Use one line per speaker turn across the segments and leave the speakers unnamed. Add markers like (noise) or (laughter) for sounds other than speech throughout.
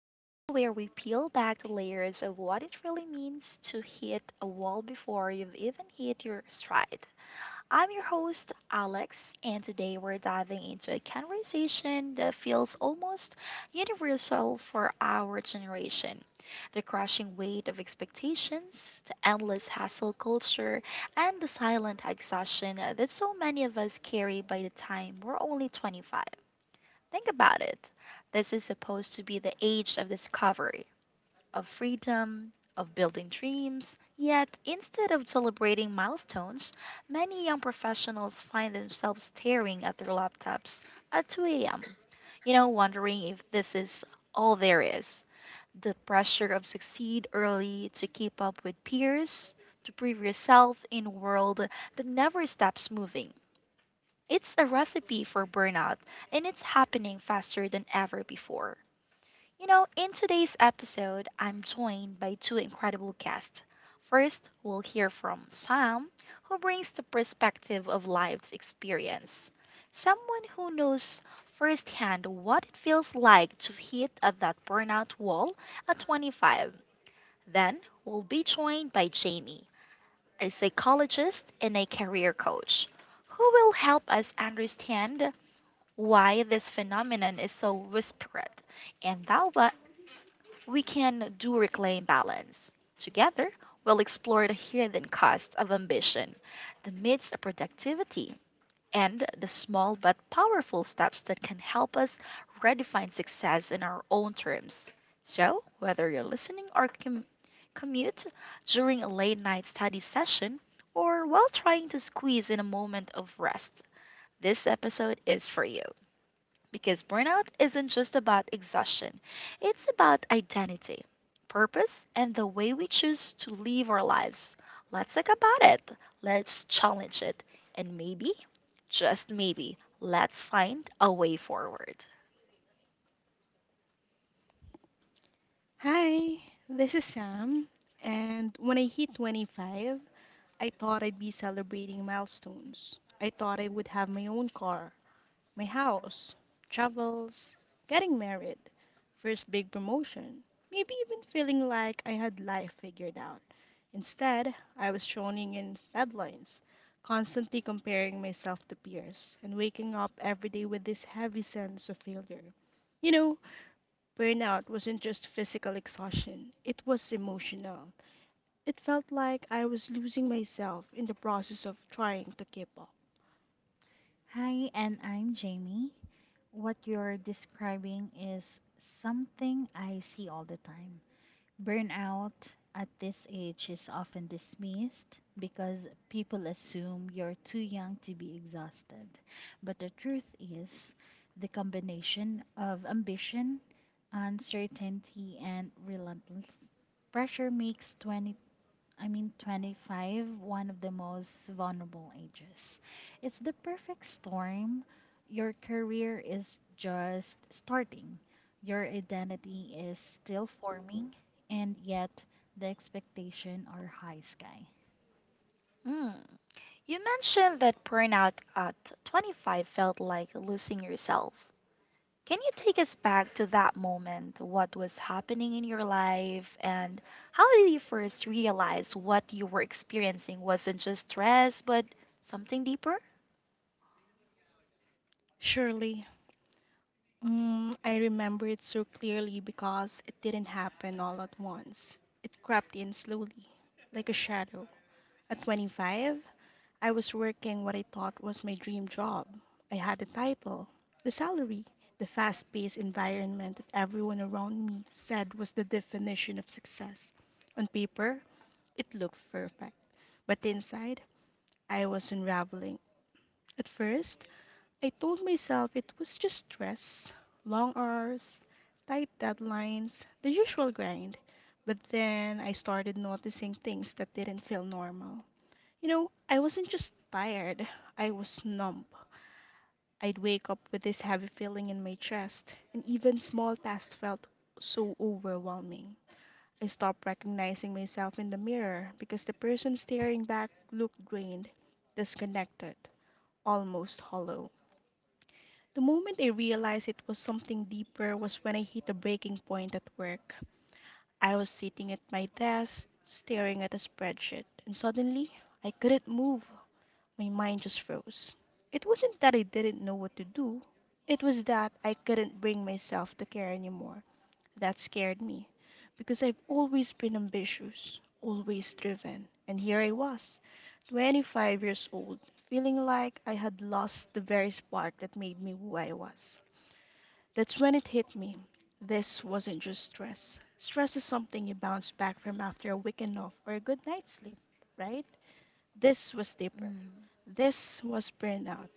the show where we peel back the layers of what it really means to hit a wall before you've even hit your stride. I'm your host, Alex, and today we're diving into a conversation that feels almost universal for our generation, the crushing weight of expectations, the endless hustle culture, and the silent exhaustion that so many of us carry by the time we're only 25. Think about it. This is supposed to be the age of discovery, of freedom, of building dreams. Yet, instead of celebrating milestones, many young professionals find themselves staring at their laptops at 2 a.m., wondering if this is all there is. The pressure of succeed early to keep up with peers, to prove yourself in a world that never stops moving. It's a recipe for burnout, and it's happening faster than ever before. In today's episode, I'm joined by two incredible guests. First, we'll hear from Sam, who brings the perspective of life's experience. Someone who knows firsthand what it feels like to hit at that burnout wall at 25. Then, we'll be joined by Jamie, a psychologist and a career coach who will help us understand why this phenomenon is so widespread and we can do reclaim balance. Together, we'll explore the hidden costs of ambition, the myths of productivity, and the small but powerful steps that can help us redefine success in our own terms. So, whether you're listening or commute during a late night study session or while trying to squeeze in a moment of rest, this episode is for you. Because burnout isn't just about exhaustion, it's about identity, purpose, and the way we choose to live our lives. Let's talk about it, let's challenge it, and maybe, just maybe, let's find a way forward.
Hi, this is Sam, and when I hit 25, I thought I'd be celebrating milestones. I thought I would have my own car, my house, travels, getting married, first big promotion, maybe even feeling like I had life figured out. Instead, I was drowning in deadlines, constantly comparing myself to peers, and waking up every day with this heavy sense of failure. You know, Burnout wasn't just physical exhaustion, it was emotional. It felt like I was losing myself in the process of trying to keep up.
Hi, and I'm Jamie. What you're describing is something I see all the time. Burnout at this age is often dismissed because people assume you're too young to be exhausted. But the truth is, the combination of ambition, uncertainty, and relentless pressure makes 25, one of the most vulnerable ages. It's the perfect storm. Your career is just starting, your identity is still forming, and yet the expectations are high sky.
Hmm. You mentioned that burnout at 25 felt like losing yourself. Can you take us back to that moment? What was happening in your life, and how did you first realize what you were experiencing wasn't just stress, but something deeper?
Surely, I remember it so clearly because it didn't happen all at once. It crept in slowly, like a shadow. At 25, I was working what I thought was my dream job. I had the title, the salary, the fast paced environment that everyone around me said was the definition of success. On paper, it looked perfect, but inside I was unraveling. At first, I told myself it was just stress, long hours, tight deadlines, the usual grind. But then I started noticing things that didn't feel normal. I wasn't just tired, I was numb. I'd wake up with this heavy feeling in my chest, and even small tasks felt so overwhelming. I stopped recognizing myself in the mirror because the person staring back looked drained, disconnected, almost hollow. The moment I realized it was something deeper was when I hit a breaking point at work. I was sitting at my desk, staring at a spreadsheet, and suddenly I couldn't move. My mind just froze. It wasn't that I didn't know what to do, it was that I couldn't bring myself to care anymore. That scared me because I've always been ambitious, always driven, and here I was, 25 years old, feeling like I had lost the very spark that made me who I was. That's when it hit me. This wasn't just stress. Stress is something you bounce back from after a weekend off or a good night's sleep, right? This was deeper.
Mm.
This was burnout.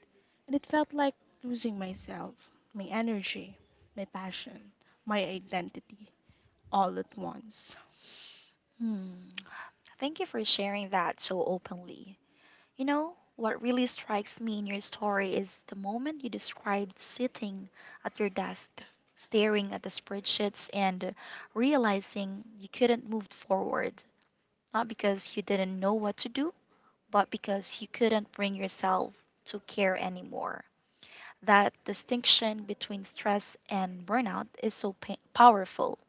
And it felt like losing myself, my energy, my passion, my identity all at once.
Hmm. Thank you for sharing that so openly. What really strikes me in your story is the moment you described sitting at your desk, staring at the spreadsheets, and realizing you couldn't move forward, not because you didn't know what to do but because you couldn't bring yourself to care anymore. That distinction between stress and burnout is so powerful.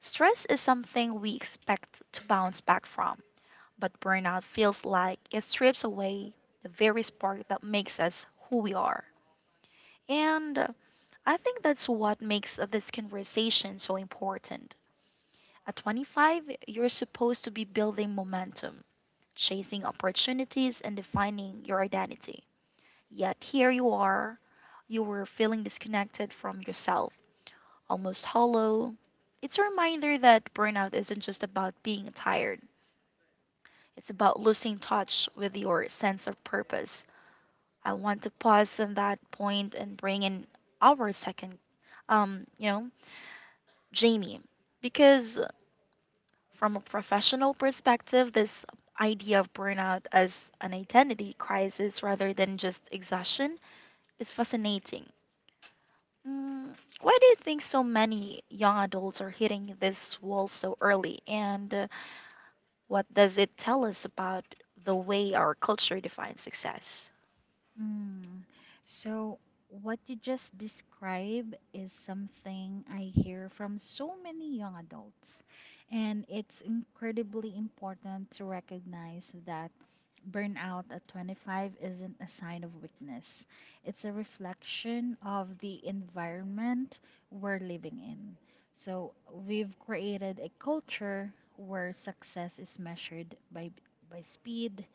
Stress is something we expect to bounce back from, but burnout feels like it strips away the very spark that makes us who we are. And I think that's what makes this conversation so important. At 25, you're supposed to be building momentum, chasing opportunities, and defining your identity. Yet here you are, you were feeling disconnected from yourself, almost hollow. It's a reminder that burnout isn't just about being tired, it's about losing touch with your sense of purpose. I want to pause on that point and bring in our second, um, you know, Jamie, because from a professional perspective, this idea of burnout as an identity crisis rather than just exhaustion is fascinating. Why do you think so many young adults are hitting this wall so early? And what does it tell us about the way our culture defines success?
Mm. So, what you just described is something I hear from so many young adults. And it's incredibly important to recognize that burnout at 25 isn't a sign of weakness, it's a reflection of the environment we're living in. So, we've created a culture where success is measured by speed,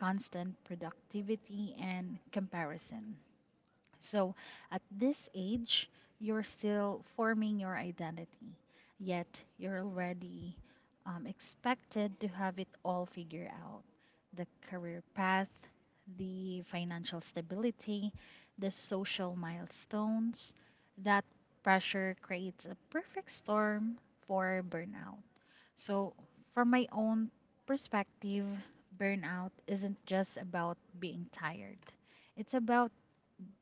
constant productivity and comparison. So, at this age, you're still forming your identity, yet you're already expected to have it all figured out the career path, the financial stability, the social milestones. That pressure creates a perfect storm for burnout. So, from my own perspective, burnout isn't just about being tired, it's about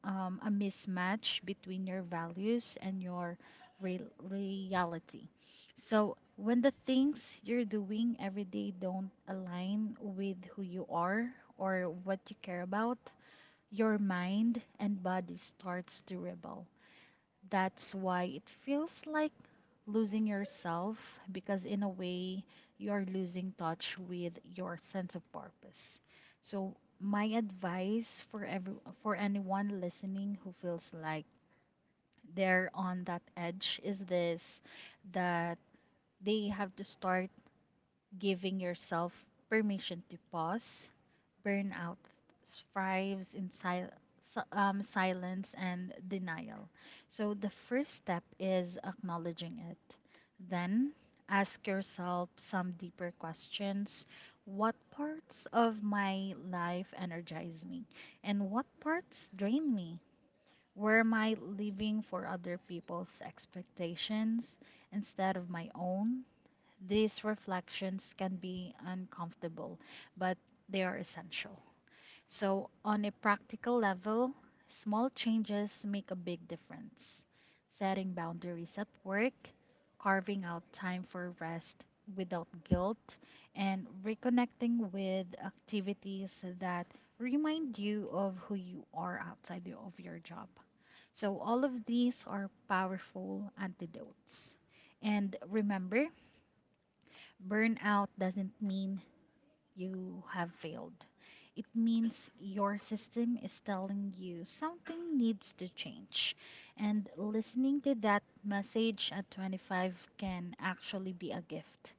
a mismatch between your values and your real reality. So, when the things you're doing every day don't align with who you are or what you care about, your mind and body starts to rebel. That's why it feels like losing yourself because, in a way, you're losing touch with your sense of purpose. So, my advice for every for anyone listening who feels like they're on that edge is this that they have to start giving yourself permission to pause. Burnout thrives in silence and denial. So the first step is acknowledging it. Then ask yourself some deeper questions. What parts of my life energize me? And what parts drain me? Where am I living for other people's expectations instead of my own? These reflections can be uncomfortable, but they are essential. So, on a practical level, small changes make a big difference. Setting boundaries at work, carving out time for rest without guilt, and reconnecting with activities that remind you of who you are outside of your job. So, all of these are powerful antidotes. And remember, burnout doesn't mean you have failed. It means your system is telling you something needs to change. And listening to that message at 25 can actually be a gift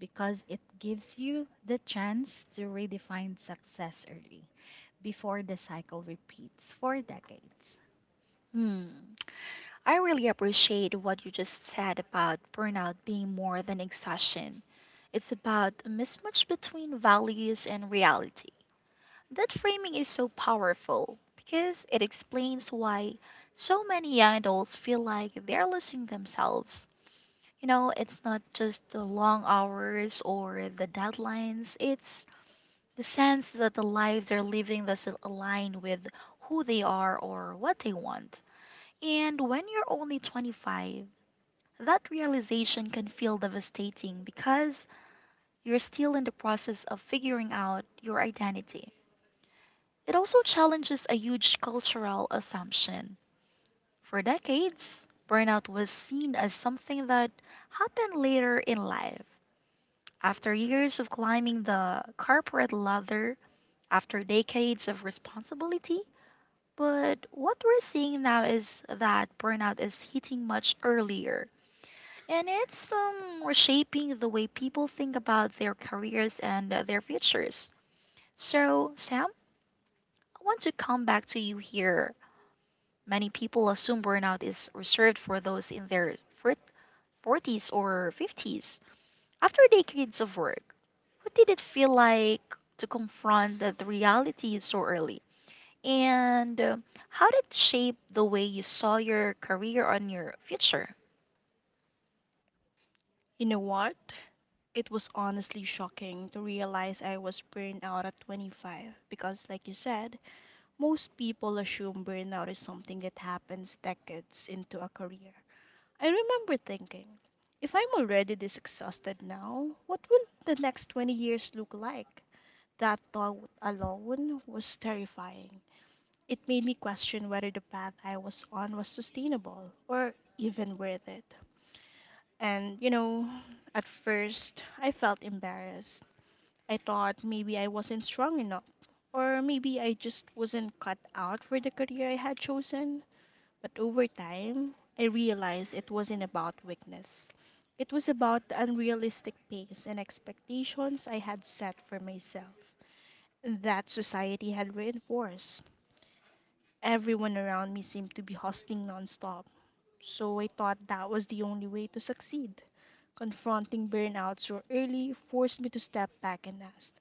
because it gives you the chance to redefine success early before the cycle repeats for decades.
Hmm. I really appreciate what you just said about burnout being more than exhaustion. It's about a mismatch between values and reality. That framing is so powerful because it explains why so many young adults feel like they're losing themselves. It's not just the long hours or the deadlines, it's the sense that the life they're living doesn't align with who they are or what they want. And when you're only 25, that realization can feel devastating because you're still in the process of figuring out your identity. It also challenges a huge cultural assumption. For decades, burnout was seen as something that happened later in life. After years of climbing the corporate ladder, after decades of responsibility, but what we're seeing now is that burnout is hitting much earlier. And it's reshaping the way people think about their careers and their futures. So, Sam, I want to come back to you here. Many people assume burnout is reserved for those in their 40s or 50s after decades of work. What did it feel like to confront the reality so early? And how did it shape the way you saw your career and your future?
You know what? It was honestly shocking to realize I was burned out at 25 because, like you said, most people assume burnout is something that happens decades into a career. I remember thinking, if I'm already this exhausted now, what will the next 20 years look like? That thought alone was terrifying. It made me question whether the path I was on was sustainable or even worth it. And at first I felt embarrassed. I thought maybe I wasn't strong enough, or maybe I just wasn't cut out for the career I had chosen. But over time, I realized it wasn't about weakness. It was about the unrealistic pace and expectations I had set for myself that society had reinforced. Everyone around me seemed to be hustling nonstop, so I thought that was the only way to succeed. Confronting burnout so early forced me to step back and ask,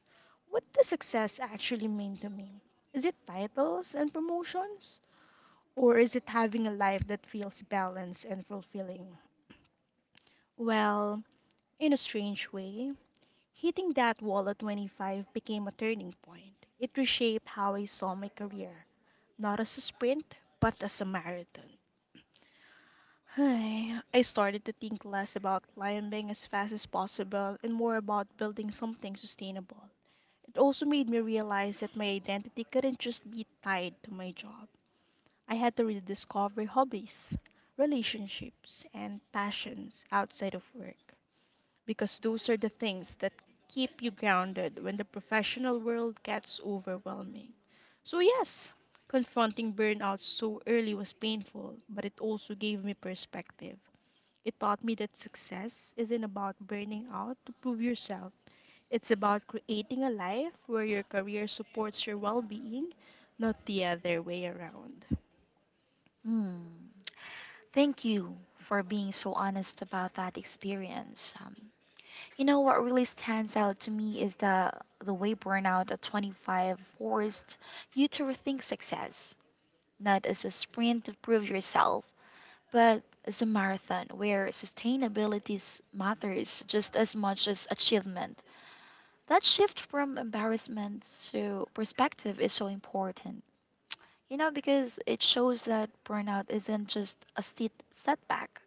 what does success actually mean to me? Is it titles and promotions? Or is it having a life that feels balanced and fulfilling? Well, in a strange way, hitting that wall at 25 became a turning point. It reshaped how I saw my career, not as a sprint, but as a marathon. Hi. I started to think less about climbing as fast as possible and more about building something sustainable. It also made me realize that my identity couldn't just be tied to my job. I had to rediscover hobbies, relationships, and passions outside of work because those are the things that keep you grounded when the professional world gets overwhelming. So, yes, confronting burnout so early was painful, but it also gave me perspective. It taught me that success isn't about burning out to prove yourself. It's about creating a life where your career supports your well being, not the other way around.
Hmm. Thank you for being so honest about that experience. What really stands out to me is the way burnout at 25 forced you to rethink success, not as a sprint to prove yourself, but it's a marathon where sustainability matters just as much as achievement. That shift from embarrassment to perspective is so important. Because it shows that burnout isn't just a setback,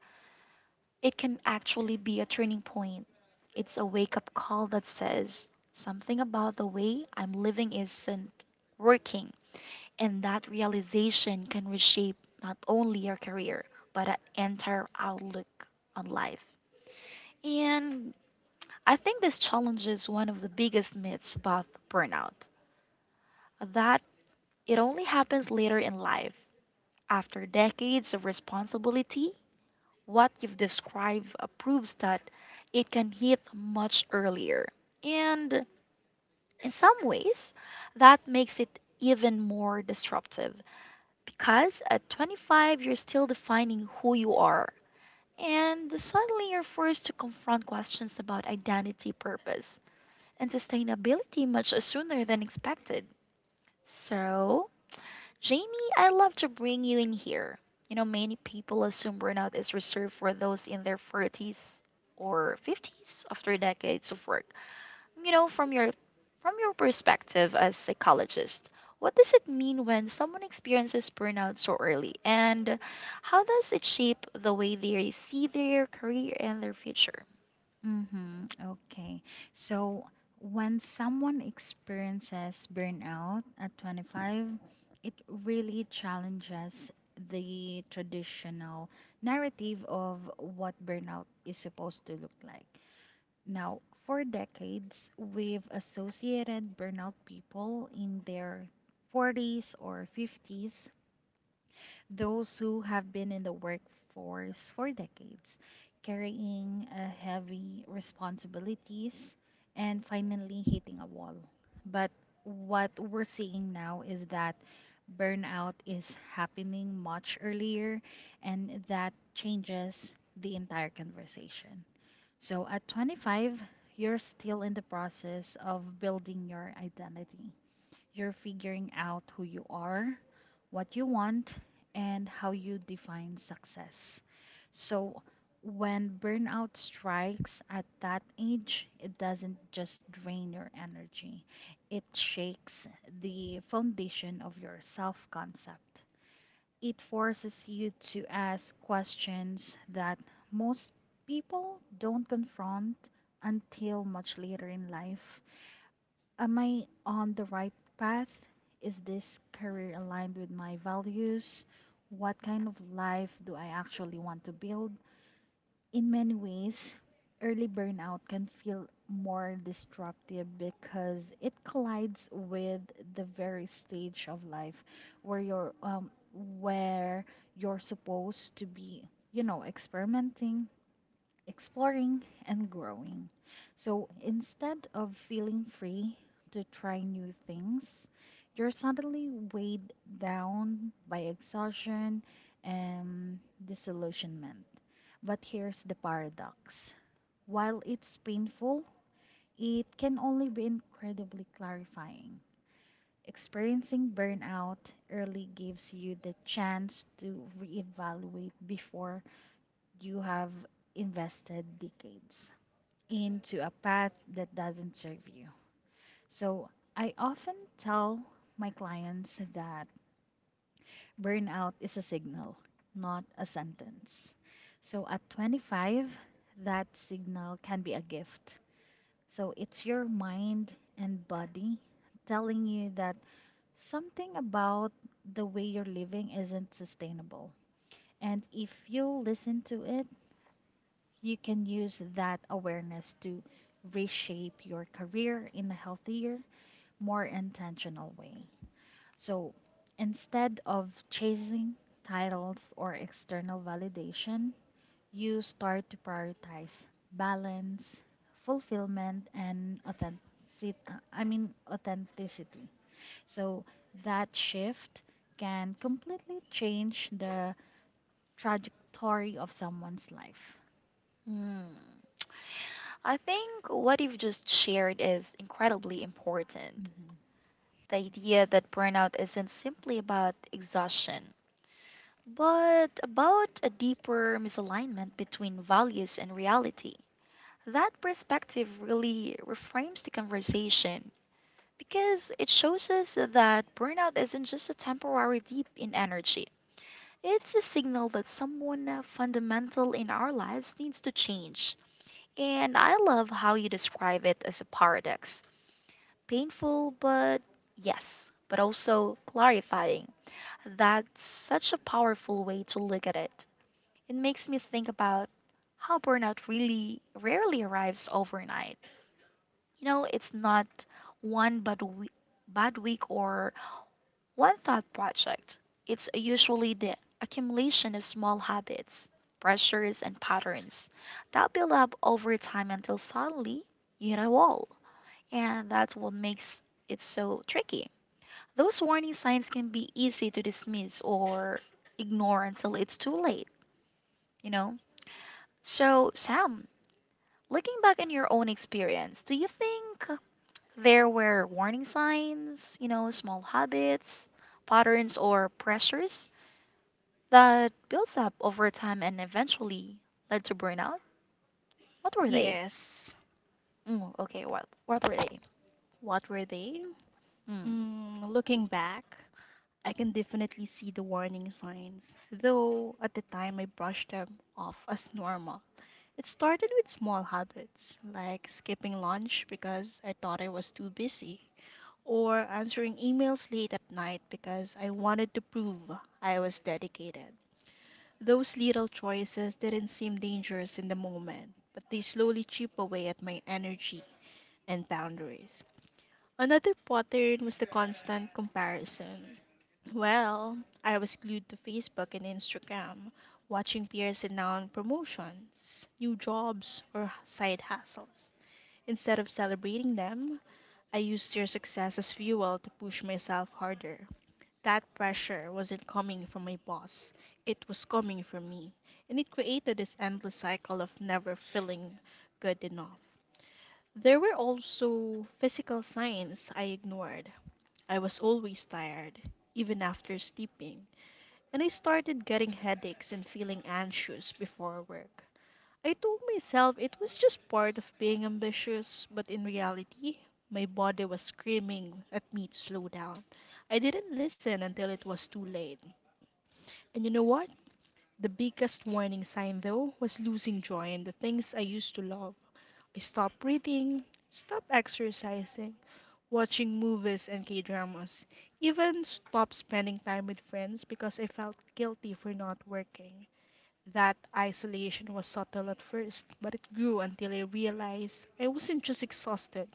it can actually be a turning point. It's a wake up call that says something about the way I'm living isn't working, and that realization can reshape not only your career, but an entire outlook on life. And I think this challenges one of the biggest myths about burnout, that it only happens later in life. After decades of responsibility, what you've described proves that it can hit much earlier. And in some ways, that makes it even more disruptive. Because at 25, you're still defining who you are. And suddenly you're forced to confront questions about identity, purpose, and sustainability much sooner than expected. So, Jamie, I'd love to bring you in here. Many people assume burnout is reserved for those in their 40s or 50s after decades of work. From your perspective as psychologist, what does it mean when someone experiences burnout so early and how does it shape the way they see their career and their future?
Mm-hmm. Okay. So when someone experiences burnout at 25, it really challenges the traditional narrative of what burnout is supposed to look like. Now, for decades, we've associated burnout people in their 40s or 50s, those who have been in the workforce for decades, carrying a heavy responsibilities and finally hitting a wall. But what we're seeing now is that burnout is happening much earlier, and that changes the entire conversation. So at 25, you're still in the process of building your identity. You're figuring out who you are, what you want, and how you define success. So, when burnout strikes at that age, it doesn't just drain your energy, it shakes the foundation of your self concept. It forces you to ask questions that most people don't confront until much later in life. Am I on the right path? Is this career aligned with my values? What kind of life do I actually want to build? In many ways, early burnout can feel more destructive because it collides with the very stage of life where where you're supposed to be, you know, experimenting, exploring and growing. So instead of feeling free to try new things, you're suddenly weighed down by exhaustion and disillusionment. But here's the paradox, while it's painful, it can only be incredibly clarifying. Experiencing burnout early gives you the chance to reevaluate before you have invested decades into a path that doesn't serve you. So I often tell my clients that burnout is a signal, not a sentence. So at 25, that signal can be a gift. So it's your mind and body telling you that something about the way you're living isn't sustainable. And if you listen to it, you can use that awareness to reshape your career in a healthier more intentional way. So instead of chasing titles or external validation, you start to prioritize balance, fulfillment, and authenticity. So that shift can completely change the trajectory of someone's life.
Hmm. I think what you've just shared is incredibly important. The idea that burnout isn't simply about exhaustion, but about a deeper misalignment between values and reality. That perspective really reframes the conversation. Because it shows us that burnout isn't just a temporary dip in energy. It's a signal that someone fundamental in our lives needs to change. And I love how you describe it as a paradox. Painful, but yes, but also clarifying. That's such a powerful way to look at it. It makes me think about how burnout really rarely arrives overnight. It's not one bad, we- bad week or one thought project is usually the accumulation of small habits, pressures, and patterns that build up over time until suddenly you hit a wall. And that's what makes it so tricky. Those warning signs can be easy to dismiss or ignore until it's too late, you know? So, Sam, looking back on your own experience, do you think there were warning signs, small habits, patterns, or pressures that builds up over time and eventually led to burnout? What were they?
Yes,
Okay, what were they?
what were they?
Mm.
Looking back, I can definitely see the warning signs, though at the time I brushed them off as normal. It started with small habits, like skipping lunch because I thought I was too busy, or answering emails late at night because I wanted to prove I was dedicated. Those little choices didn't seem dangerous in the moment, but they slowly chip away at my energy and boundaries. Another pattern was the constant comparison. Well, I was glued to Facebook and Instagram, watching peers announce promotions, new jobs, or side hustles. Instead of celebrating them, I used their success as fuel to push myself harder. That pressure wasn't coming from my boss, it was coming from me, and it created this endless cycle of never feeling good enough. There were also physical signs I ignored. I was always tired, even after sleeping, and I started getting headaches and feeling anxious before work. I told myself it was just part of being ambitious, but in reality, my body was screaming at me to slow down. I didn't listen until it was too late. And you know what? The biggest warning sign, though, was losing joy in the things I used to love. I stopped reading, stopped exercising, watching movies and K dramas, even stopped spending time with friends because I felt guilty for not working. That isolation was subtle at first, but it grew until I realized I wasn't just exhausted,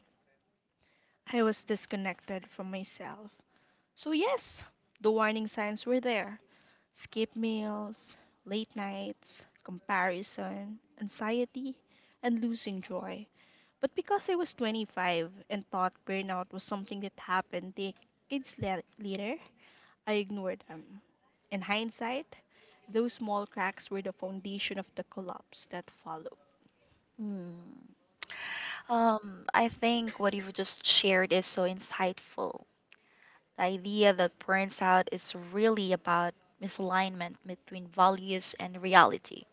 I was disconnected from myself. So, yes, the warning signs were there. Skip meals, late nights, comparison, anxiety, and losing joy. But because I was 25 and thought burnout was something that happened decades later, I ignored them. In hindsight, those small cracks were the foundation of the collapse that followed.
Mm. I think what you've just shared is so insightful. The idea that burns out is really about misalignment between values and reality.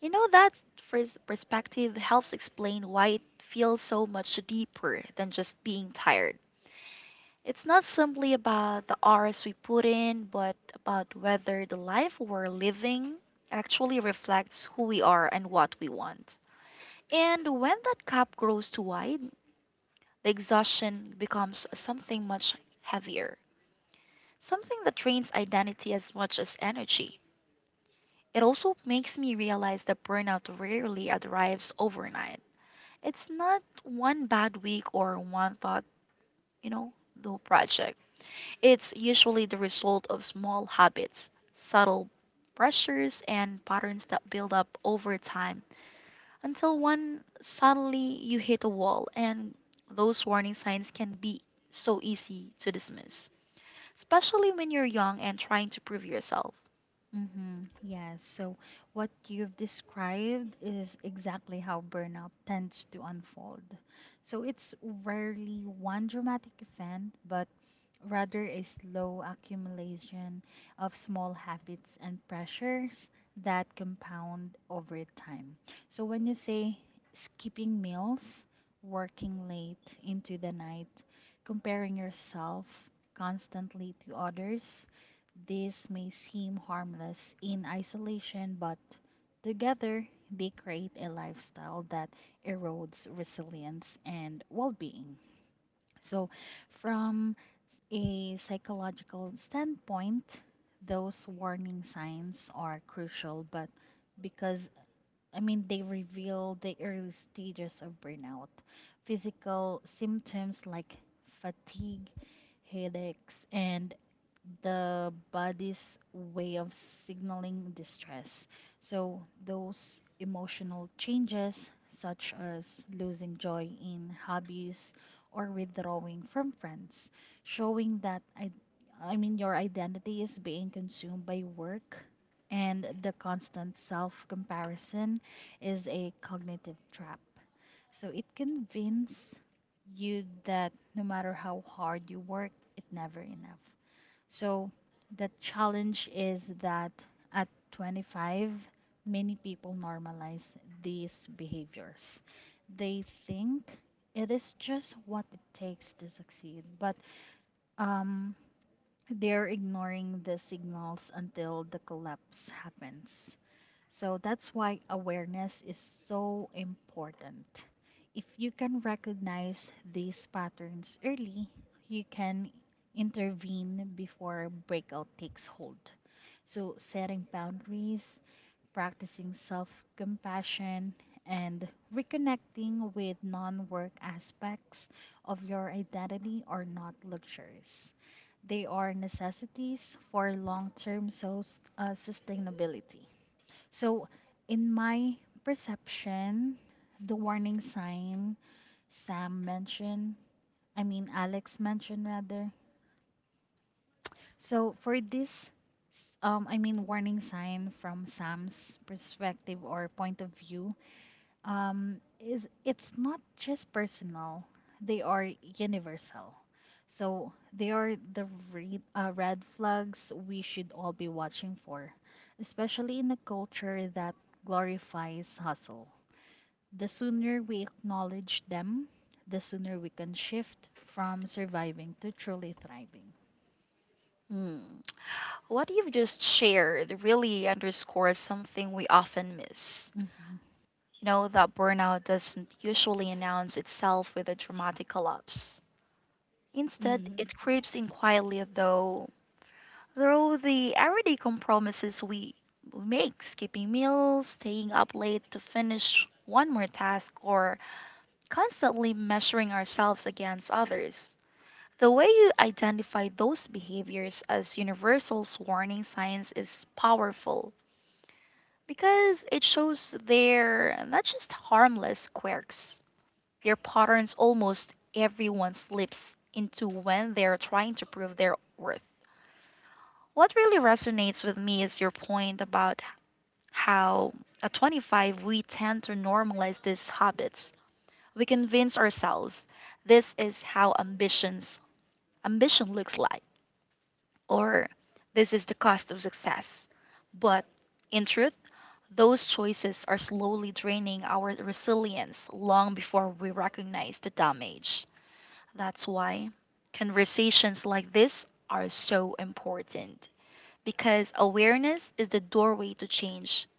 That perspective helps explain why it feels so much deeper than just being tired. It's not simply about the hours we put in, but about whether the life we're living actually reflects who we are and what we want. And when that gap grows too wide, the exhaustion becomes something much heavier, something that drains identity as much as energy. It also makes me realize that burnout rarely arrives overnight. It's not one bad week or one thought, you know, though project. It's usually the result of small habits, subtle pressures, and patterns that build up over time until one suddenly you hit a wall, and those warning signs can be so easy to dismiss, especially when you're young and trying to prove yourself.
Mm-hmm. Yes. So, what you've described is exactly how burnout tends to unfold. So, it's rarely one dramatic event, but rather a slow accumulation of small habits and pressures that compound over time. So, when you say skipping meals, working late into the night, comparing yourself constantly to others, this may seem harmless in isolation, but together they create a lifestyle that erodes resilience and well being. So, from a psychological standpoint, those warning signs are crucial, but because they reveal the early stages of burnout. Physical symptoms like fatigue, headaches, and the body's way of signaling distress. So, those emotional changes, such as losing joy in hobbies or withdrawing from friends, showing that your identity is being consumed by work. And the constant self comparison is a cognitive trap. So it convinces you that no matter how hard you work, it's never enough. So the challenge is that at 25, many people normalize these behaviors. They think it is just what it takes to succeed, but um, they're ignoring the signals until the collapse happens. So that's why awareness is so important. If you can recognize these patterns early, you can intervene before breakout takes hold. So, setting boundaries, practicing self compassion, and reconnecting with non work aspects of your identity are not luxuries. They are necessities for long term sustainability. So, in my perception, the warning sign Sam mentioned, I mean Alex mentioned rather. So, for this warning sign from Sam's perspective or point of view, is it's not just personal. They are universal. So, they are the red flags we should all be watching for, especially in a culture that glorifies hustle. The sooner we acknowledge them, the sooner we can shift from surviving to truly thriving.
Hmm. What you've just shared really underscores something we often miss.
Mhm.
That burnout doesn't usually announce itself with a dramatic collapse. Instead,
Hmm.
it creeps in quietly though through the everyday compromises we make, skipping meals, staying up late to finish one more task, or constantly measuring ourselves against others. The way you identify those behaviors as universal warning signs is powerful because it shows they're not just harmless quirks, they're patterns almost everyone slips into when they're trying to prove their worth. What really resonates with me is your point about how at 25 we tend to normalize these habits. We convince ourselves this is how ambition looks like or this is the cost of success. But in truth, those choices are slowly draining our resilience long before we recognize the damage. That's why conversations like this are so important because awareness is the doorway to change.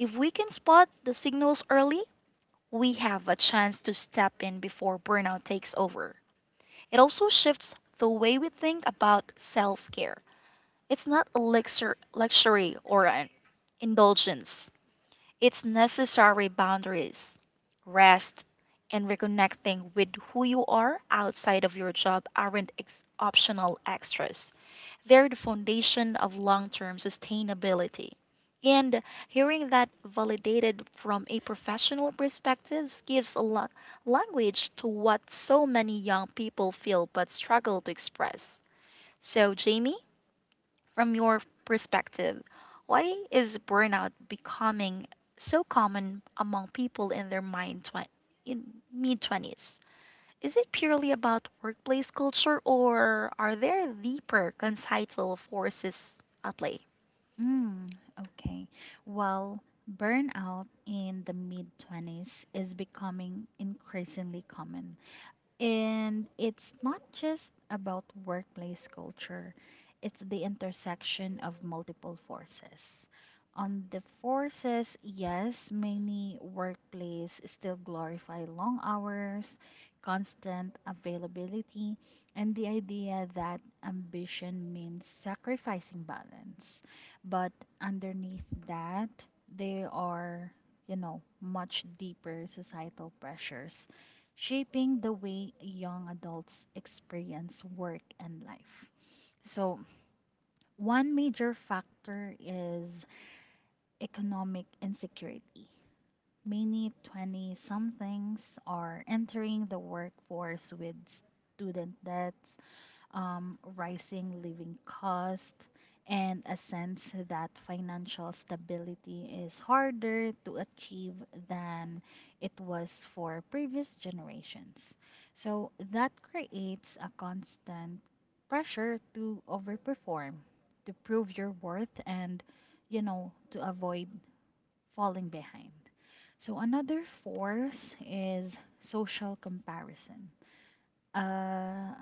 If we can spot the signals early, we have a chance to step in before burnout takes over. It also shifts the way we think about self care. It's not a luxury or an indulgence, it's necessary boundaries, rest, and reconnecting with who you are outside of your job aren't optional extras. They're the foundation of long term sustainability. And hearing that validated from a professional perspective gives a language to what so many young people feel but struggle to express. So, Jamie, from your perspective, why is burnout becoming so common among people in their in mid 20s? Is it purely about workplace culture or are there deeper societal forces at play?
Mm, okay. Well, burnout in the mid 20s is becoming increasingly common. And it's not just about workplace culture, it's the intersection of multiple forces. On the forces, yes, many workplace still glorify long hours, constant availability, and the idea that ambition means sacrificing balance. But underneath that, there are, you know, much deeper societal pressures shaping the way young adults experience work and life. So, one major factor is economic insecurity. Many 20 somethings are entering the workforce with student debts, rising living cost, and a sense that financial stability is harder to achieve than it was for previous generations. So that creates a constant pressure to overperform, to prove your worth, and you know, to avoid falling behind. So another force is social comparison. Uh,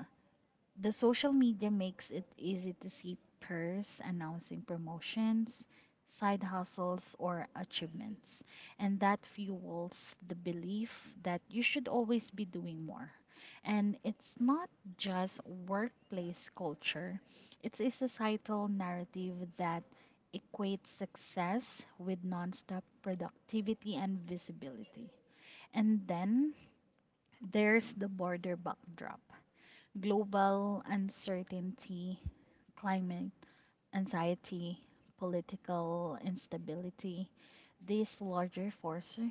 the social media makes it easy to see peers announcing promotions, side hustles, or achievements, and that fuels the belief that you should always be doing more. And it's not just workplace culture, it's a societal narrative that equates success with nonstop productivity and visibility. And then there's the border backdrop global uncertainty, climate anxiety, political instability, these larger forces,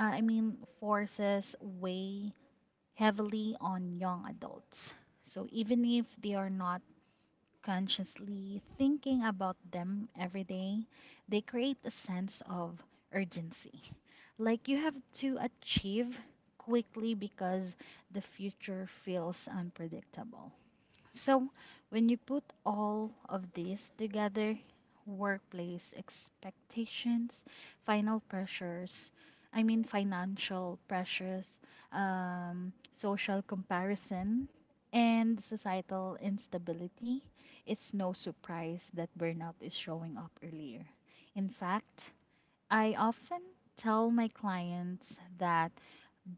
I mean forces weigh heavily on young adults. So even if they are not consciously thinking about them every day, they create a sense of urgency. Like you have to achieve quickly because the future feels unpredictable. So, when you put all of this together workplace expectations, final pressures, I mean, financial pressures, social comparison, and societal instability it's no surprise that burnout is showing up earlier. In fact, I often tell my clients that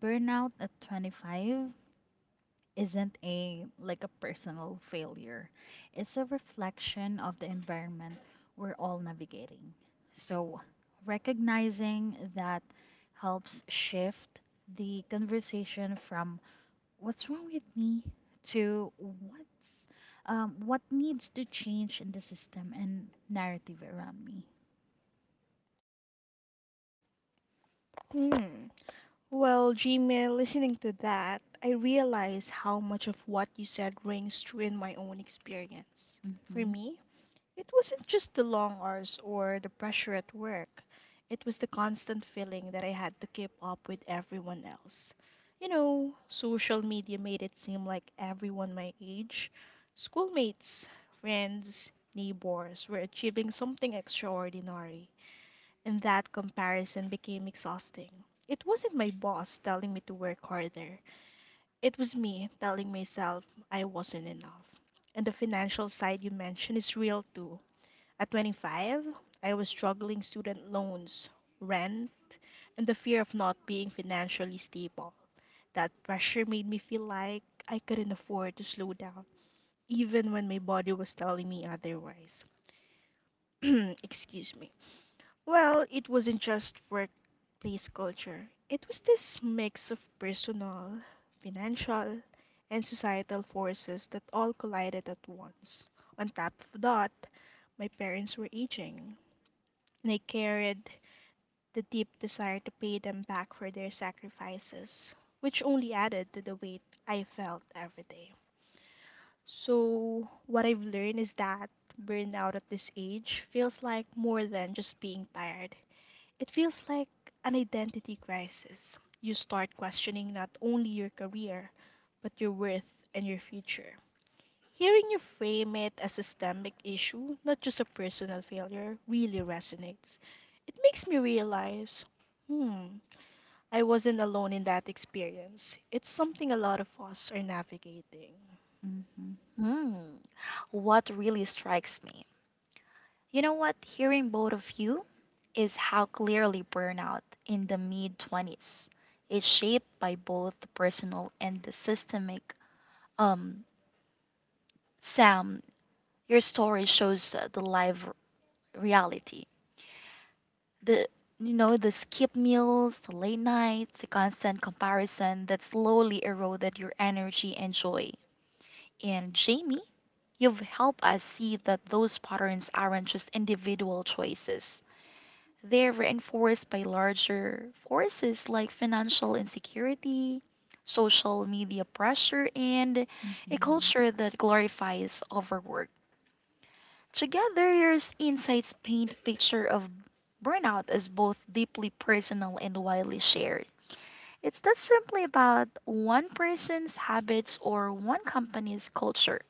burnout at 25 isn't a like a personal failure. It's a reflection of the environment we're all navigating. So recognizing that helps shift the conversation from what's wrong with me to what needs to change in the system and narrative around me.
Hmm. Well, Gmail, listening to that, I realize how much of what you said rings true in my own experience. For
Mhm.
me, it wasn't just the long hours or the pressure at work. It was the constant feeling that I had to keep up with everyone else. Social media made it seem like everyone my age, schoolmates, friends, neighbors, were achieving something extraordinary. And that comparison became exhausting. It wasn't my boss telling me to work harder, it was me telling myself I wasn't enough. And the financial side you mentioned is real too. At 25, I was struggling student loans, rent, and the fear of not being financially stable. That pressure made me feel like I couldn't afford to slow down, even when my body was telling me otherwise. (clears throat) Excuse me. Well, it wasn't just workplace culture, it was this mix of personal, financial, and societal forces that all collided at once. On top of that, my parents were aging, and I carried the deep desire to pay them back for their sacrifices, which only added to the weight I felt every day. So, what I've learned is that burnout at this age feels like more than just being tired, it feels like an identity crisis. You start questioning not only your career, but your worth and your future. Hearing you frame it as a systemic issue, not just a personal failure, really resonates. It makes me realize hmm, I wasn't alone in that experience. It's something a lot of us are navigating.
Mhm.
Hmm. What really strikes me, hearing both of you is how clearly burnout in the mid 20s is shaped by both the personal and the systemic. Um, Sam, your story shows the live reality. The the skip meals, the late nights, the constant comparison that slowly eroded your energy and joy. And Jamie, you've helped us see that those patterns aren't just individual choices, they're reinforced by larger forces like financial insecurity, social media pressure, and a Mhm.
Mhm.
culture that glorifies overwork. Together, your insights paint a picture of burnout as both deeply personal and widely shared. It's not simply about one person's habits or one company's culture.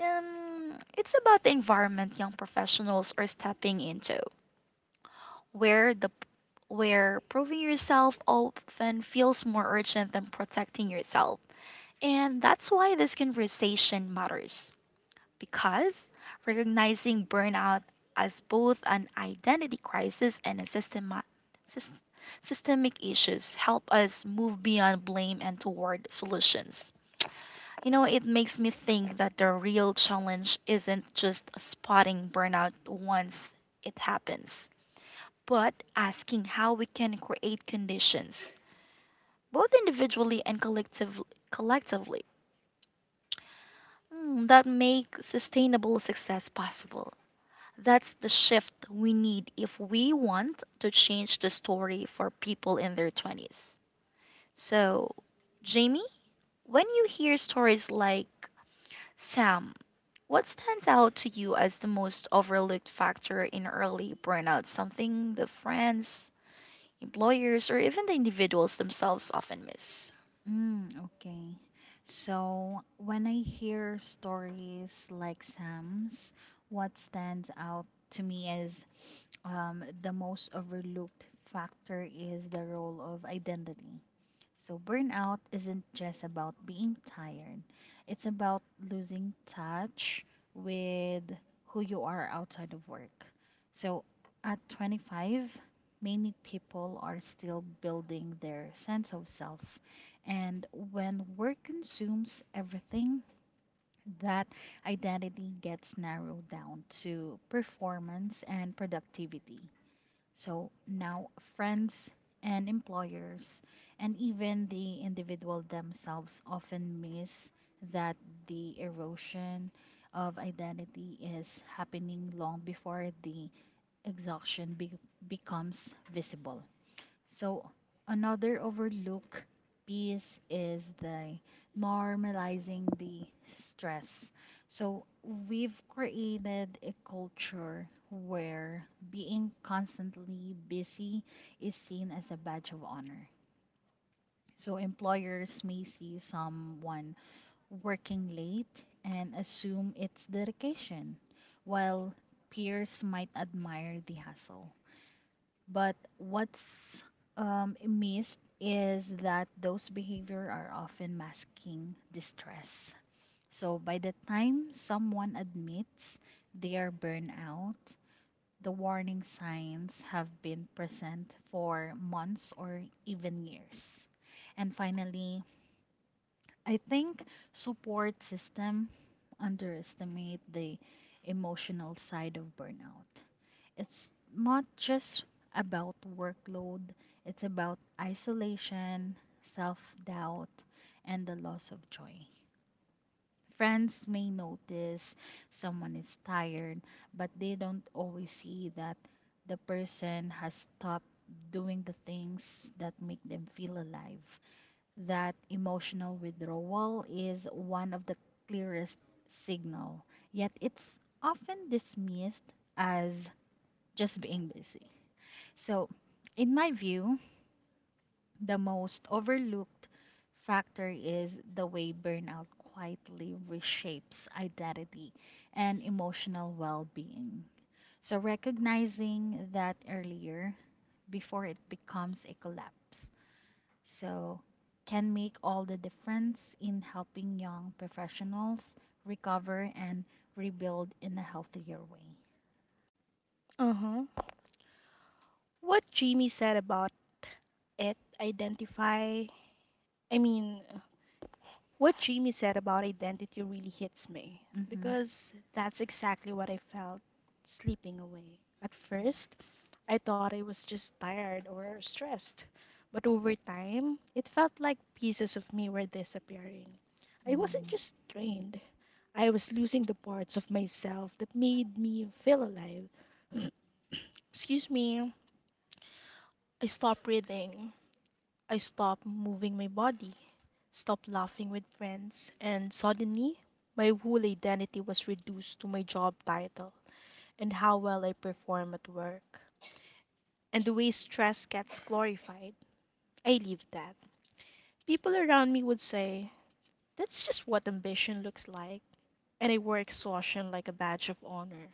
It's about the environment young professionals are stepping into, where the where proving yourself often feels more urgent than protecting yourself. And that's why this conversation matters, because recognizing burnout as both an identity crisis and a sys- systemic issues help us move beyond blame and toward solutions. You know, it makes me think that the real challenge isn't just spotting burnout once it happens, but asking how we can create conditions, both individually and collectively, that make sustainable success possible. That's the shift we need if we want to change the story for people in their 20s. So, Jamie, when you hear stories like Sam, what stands out to you as the most overlooked factor in early burnout? Something the friends, employers, or even the individuals themselves often miss.
Mm, okay. So when I hear stories like Sam's, what stands out to me is the most overlooked factor is the role of identity. So, burnout isn't just about being tired, it's about losing touch with who you are outside of work. So, at 25, many people are still building their sense of self. And when work consumes everything, that identity gets narrowed down to performance and productivity. So now friends and employers and even the individual themselves often miss that the erosion of identity is happening long before the exhaustion becomes visible. So, another overlook piece is the normalizing the stress. So, we've created a culture where being constantly busy is seen as a badge of honor. So, employers may see someone working late and assume it's dedication, while peers might admire the hustle. But what's missed is that those behavior are often masking distress. So by the time someone admits they are burnout, the warning signs have been present for months or even years. And finally, I think support system underestimate the emotional side of burnout. It's not just about workload, it's about isolation, self doubt, and the loss of joy. Friends may notice someone is tired, but they don't always see that the person has stopped doing the things that make them feel alive. That emotional withdrawal is one of the clearest signal, yet it's often dismissed as just being busy. So, in my view, the most overlooked factor is the way burnout quietly reshapes identity and emotional well being. So, recognizing that earlier before it becomes a collapse. So, can make all the difference in helping young professionals recover and rebuild in a healthier way.
Uh huh. What Jamie said about it, identify, I mean, what Jamie said about identity really hits me
Mm-hmm.
because that's exactly what I felt sleeping away. At
Oh.
first, I thought I was just tired or stressed, but over time, it felt like pieces of me were disappearing. I wasn't just drained, I was losing the parts of myself that made me feel alive. (clears throat) Excuse me. I stopped breathing. I stopped moving my body. Stopped laughing with friends. And suddenly, my whole identity was reduced to my job title and how well I perform at work. And the way stress gets glorified, I leave that. People around me would say, that's just what ambition looks like. And I wore exhaustion like a badge of honor.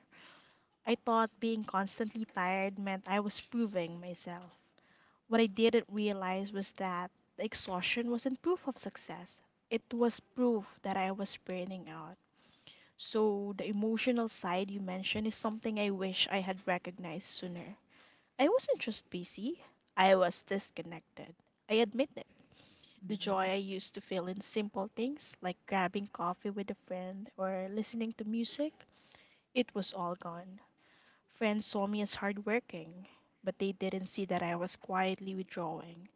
I thought being constantly tired meant I was proving myself. What I didn't realize was that the exhaustion wasn't proof of success, it was proof that I was burning out. So, the emotional side you mentioned is something I wish I had recognized sooner. I wasn't just busy, I was disconnected. I admit it. The
Mm-hmm.
joy I used to feel in simple things like grabbing coffee with a friend or listening to music, it was all gone. Friends saw me as hardworking, but they didn't see that I was quietly withdrawing.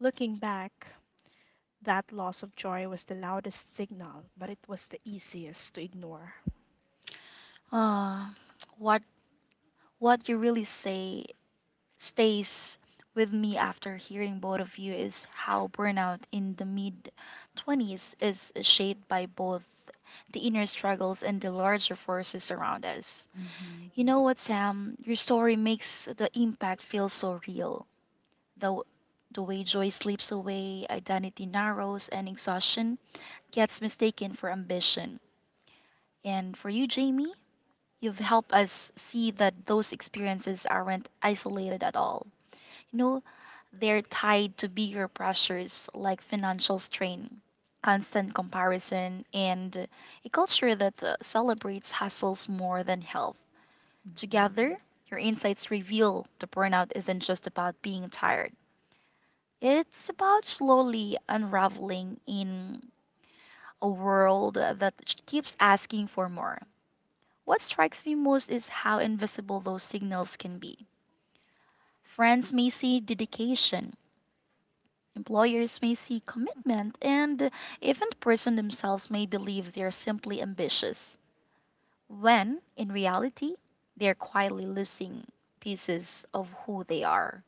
Looking back, that loss of joy was the loudest signal, but it was the easiest to ignore.
Uh, what what you really say stays with me after hearing both of you is how burnout in the mid 20s is shaped by both the inner struggles and the larger forces around us.
Mm-hmm. Mm-hmm.
You know what, Sam? Your story makes the impact feel so real. The, the way joy slips away, identity narrows, and exhaustion gets mistaken for ambition. And for you, Jamie, you've helped us see that those experiences aren't isolated at all. You know, they're tied to bigger pressures like financial strain, constant comparison, and a culture that celebrates hustles more than health. Together, your insights reveal the burnout isn't just about being tired. It's about slowly unraveling in a world that keeps asking for more. What strikes me most is how invisible those signals can be. Friends may see dedication, employers may see commitment, and even the person themselves may believe they are simply ambitious, when in reality they are quietly losing pieces of who they are.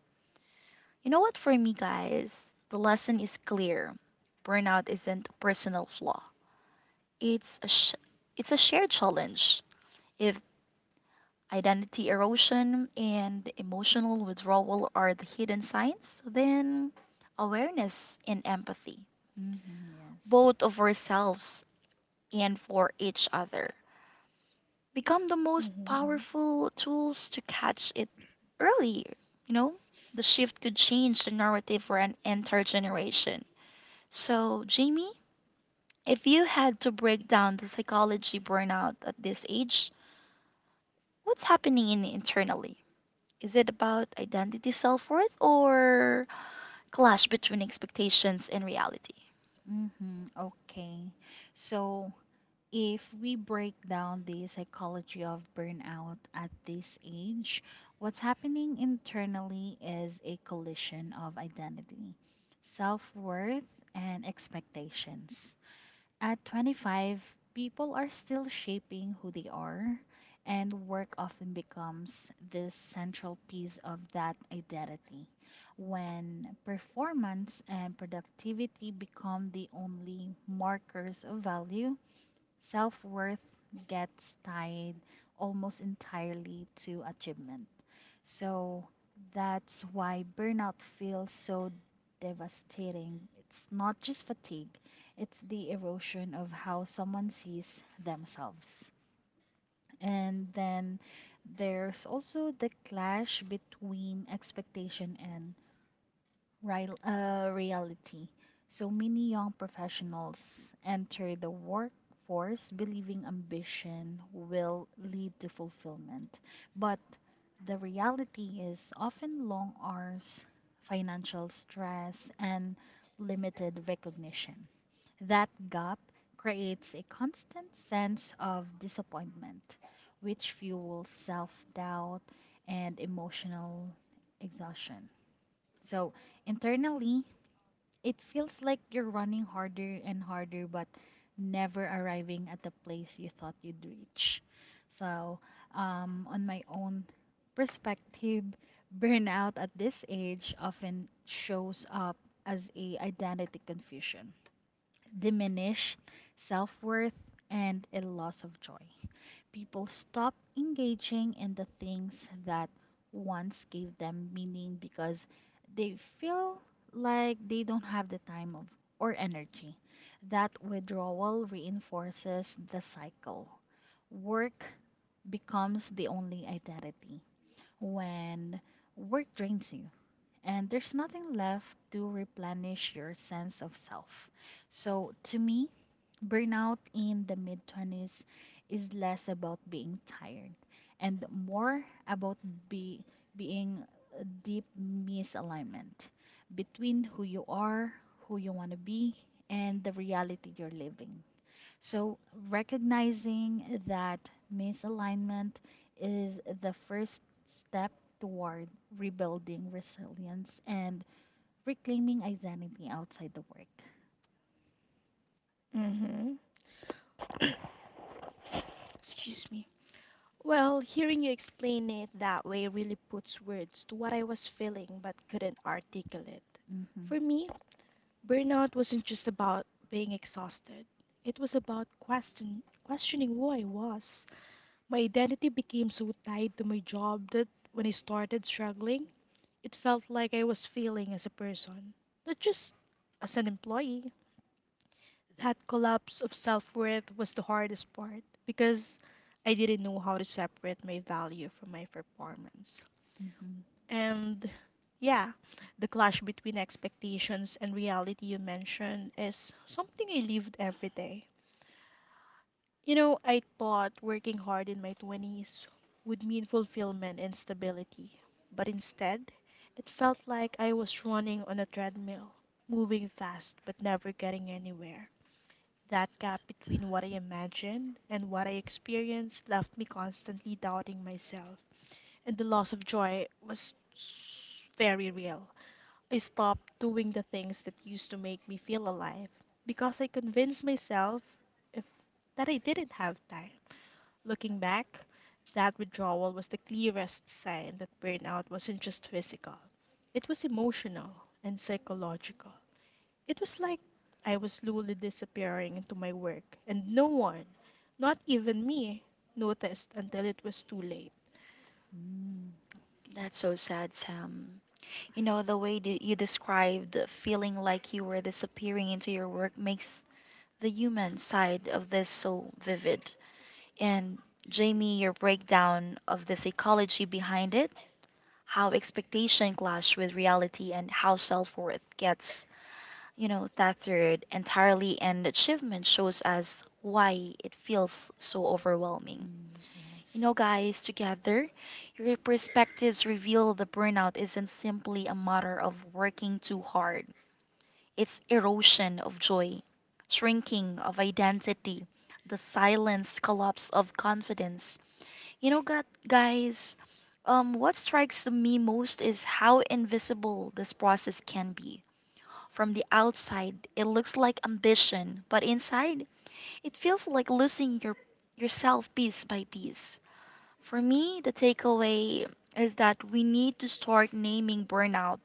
You know what, for me, guys, the lesson is clear. Burnout isn't a personal flaw, it's a, sh- it's a shared challenge. If identity erosion and emotional withdrawal are the hidden signs, then awareness and empathy,
Mm-hmm, yes.
both of ourselves and for each other, become the most
Mm-hmm.
powerful tools to catch it early. You know, the shift could change the narrative for an entire generation. So, Jamie, if you had to break down the psychology burnout at this age, what's happening in internally? Is it about identity self worth or clash between expectations and reality?
Mm-hmm, okay. So, if we break down the psychology of burnout at this age, what's happening internally is a collision of identity, self worth, and expectations. At 25, people are still shaping who they are, and work often becomes this central piece of that identity. When performance and productivity become the only markers of value, self worth gets tied almost entirely to achievement. So that's why burnout feels so devastating. It's not just fatigue, it's the erosion of how someone sees themselves. And then there's also the clash between expectation and reality. So many young professionals enter the workforce believing ambition will lead to fulfillment. But the reality is often long hours, financial stress, and limited recognition. That gap creates a constant sense of disappointment, which fuels self doubt and emotional exhaustion. So internally, it feels like you're running harder and harder, but never arriving at the place you thought you'd reach. So, on my own perspective, (laughs) burnout at this age often shows up as a identity confusion, diminished self worth, and a loss of joy people stop engaging in the things that once gave them meaning because they feel like they don't have the time of, or energy. That withdrawal reinforces the cycle. Work becomes the only identity when work drains you and there's nothing left to replenish your sense of self. So, to me, burnout in the mid 20s is less about being tired and more about be, being a deep misalignment between who you are, who you want to be, and the reality you're living. So, recognizing that misalignment is the first step toward rebuilding resilience and reclaiming identity outside the work.
Mm-hmm. Excuse me. Well, hearing you explain it that way really puts words to what I was feeling but couldn't articulate.
Hmm.
For me, burnout wasn't just about being exhausted. It was about questioning who I was. My identity became so tied to my job that when I started struggling, it felt like I was failing as a person, not just as an employee. That collapse of self worth was the hardest part because I didn't know how to separate my value from my performance.
Hmm.
And yeah, the clash between expectations and reality you mentioned is something I lived every day. You know, I thought working hard in my 20s would mean fulfillment and stability, but instead, it felt like I was running on a treadmill, moving fast but never getting anywhere. That gap between what I imagined and what I experienced left me constantly doubting myself, and the loss of joy was very real. I stopped doing the things that used to make me feel alive because I convinced myself if that I didn't have time. Looking back, that withdrawal was the clearest sign that burnout wasn't just physical, it was emotional and psychological. It was like I was slowly disappearing into my work, and no one, not even me, noticed until it was too late.
Mm, okay.
That's so sad, Sam. You know, the way that you described feeling like you were disappearing into your work makes the human side of this so vivid. And Jamie, your breakdown of the psychology behind it, how expectation clash with reality and how self-worth gets, you know, tethered entirely and achievement shows us why it feels so overwhelming.
Mm,
You
yes.
know, guys, together, your perspectives reveal the burnout isn't simply a matter of working too hard. It's erosion of joy, shrinking of identity, the silence collapse of confidence. You know, guys, what strikes me most is how invisible this process can be. From the outside, it looks like ambition, but inside, it feels like losing yourself piece by piece. For me, the takeaway is that we need to start naming burnout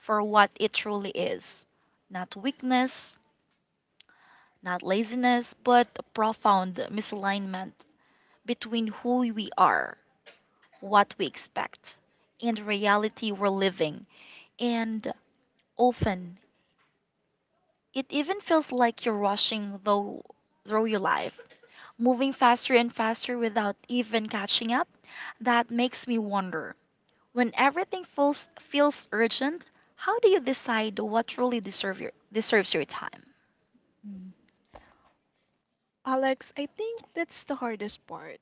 for what it truly is. Not weakness, not laziness, but a profound misalignment between who we are, what we expect, and the reality we're living. And often, it even feels like you're rushing though through your life, moving faster and faster without even catching up. That makes me wonder, when everything feels urgent, how do you decide what truly deserve your deserves your time?
Mm,
Alex, I think that's the hardest part.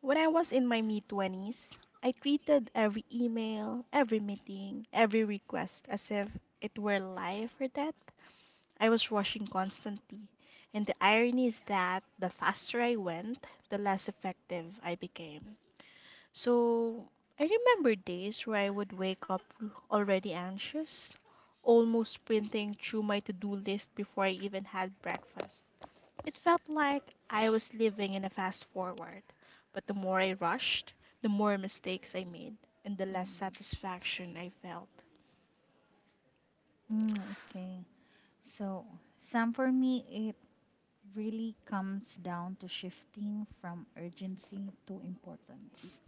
When I was in my mid 20s, I treated every email, every meeting, every request as if it were life or death. I was rushing constantly, and the irony is that the faster I went, the less effective I became. So I remember days where I would wake up already anxious, almost sprinting through my to do list before I even had breakfast. It felt like I was living in a fast forward, but the more I rushed, the more mistakes I made, and the less satisfaction I felt.
mm, okay. So, some for me, it really comes down to shifting from urgency to importance.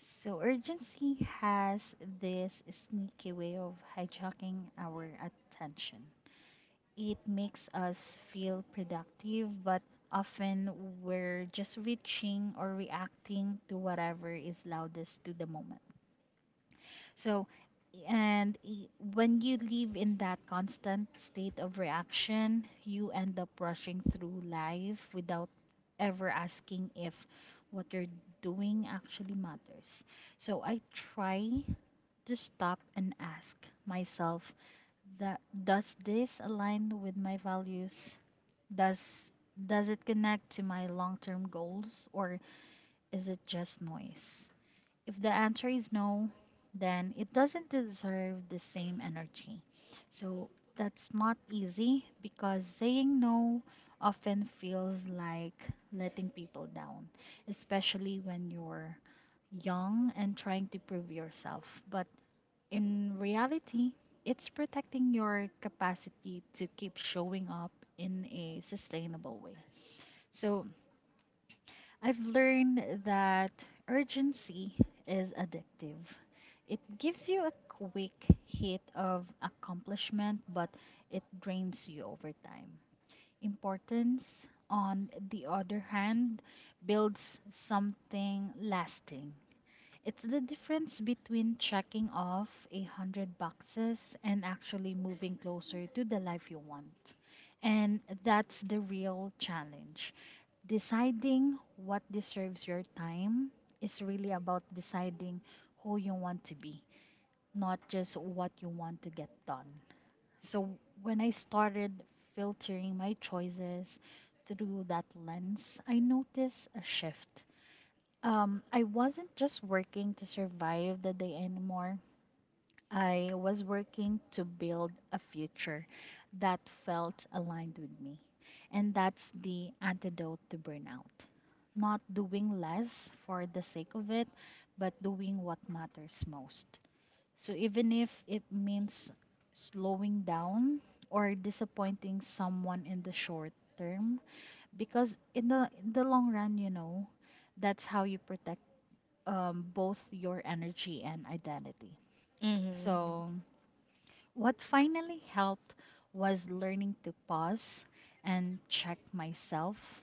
So, urgency has this sneaky way of hijacking our attention. It makes us feel productive, but often we're just reaching or reacting to whatever is loudest to the moment. So, when you live in that constant state of reaction, you end up rushing through life without ever asking if what you're doing actually matters. So, I try to stop and ask myself that does this align with my values? Does does it connect to my long-term goals, or is it just noise? If the answer is no, then it doesn't deserve the same energy. So that's not easy because saying no often feels like letting people down, especially when you're young and trying to prove yourself. But in reality, it's protecting your capacity to keep showing up in a sustainable way. So I've learned that urgency is addictive. It gives you a quick hit of accomplishment, but it drains you over time. Importance, on the other hand, builds something lasting. It's the difference between checking off a hundred boxes and actually moving closer to the life you want. And that's the real challenge. Deciding what deserves your time is really about deciding who you want to be, not just what you want to get done. So when I started filtering my choices through that lens, I noticed a shift, I wasn't just working to survive the day anymore. I was working to build a future that felt aligned with me. And that's the antidote to burnout. Not doing less for the sake of it, but doing what matters most. So even if it means slowing down or disappointing someone in the short term, because in the long run, you know, that's how you protect, both your energy and identity.
Mm-hmm.
So, what finally helped was learning to pause and check myself.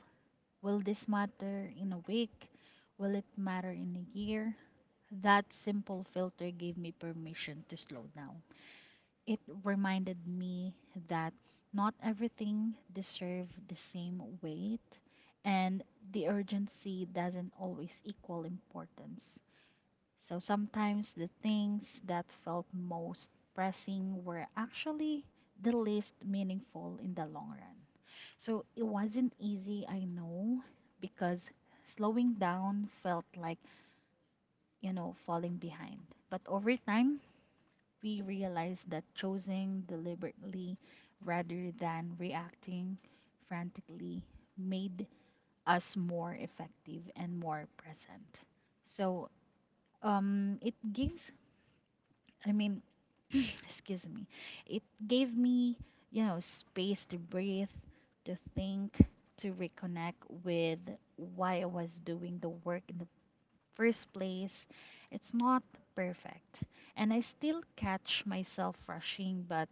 Will this matter in a week? Will it matter in a year? That simple filter gave me permission to slow down. It reminded me that not everything deserves the same weight and the urgency doesn't always equal importance. So sometimes the things that felt most pressing were actually the least meaningful in the long run. So it wasn't easy, I know, because slowing down felt like, you know, falling behind. But over time, we realized that choosing deliberately rather than reacting frantically made us more effective and more present. So it gives I mean, (clears throat) excuse me. It gave me, you know, space to breathe, to think, to reconnect with why I was doing the work in the first place. It's not perfect. And I still catch myself rushing, but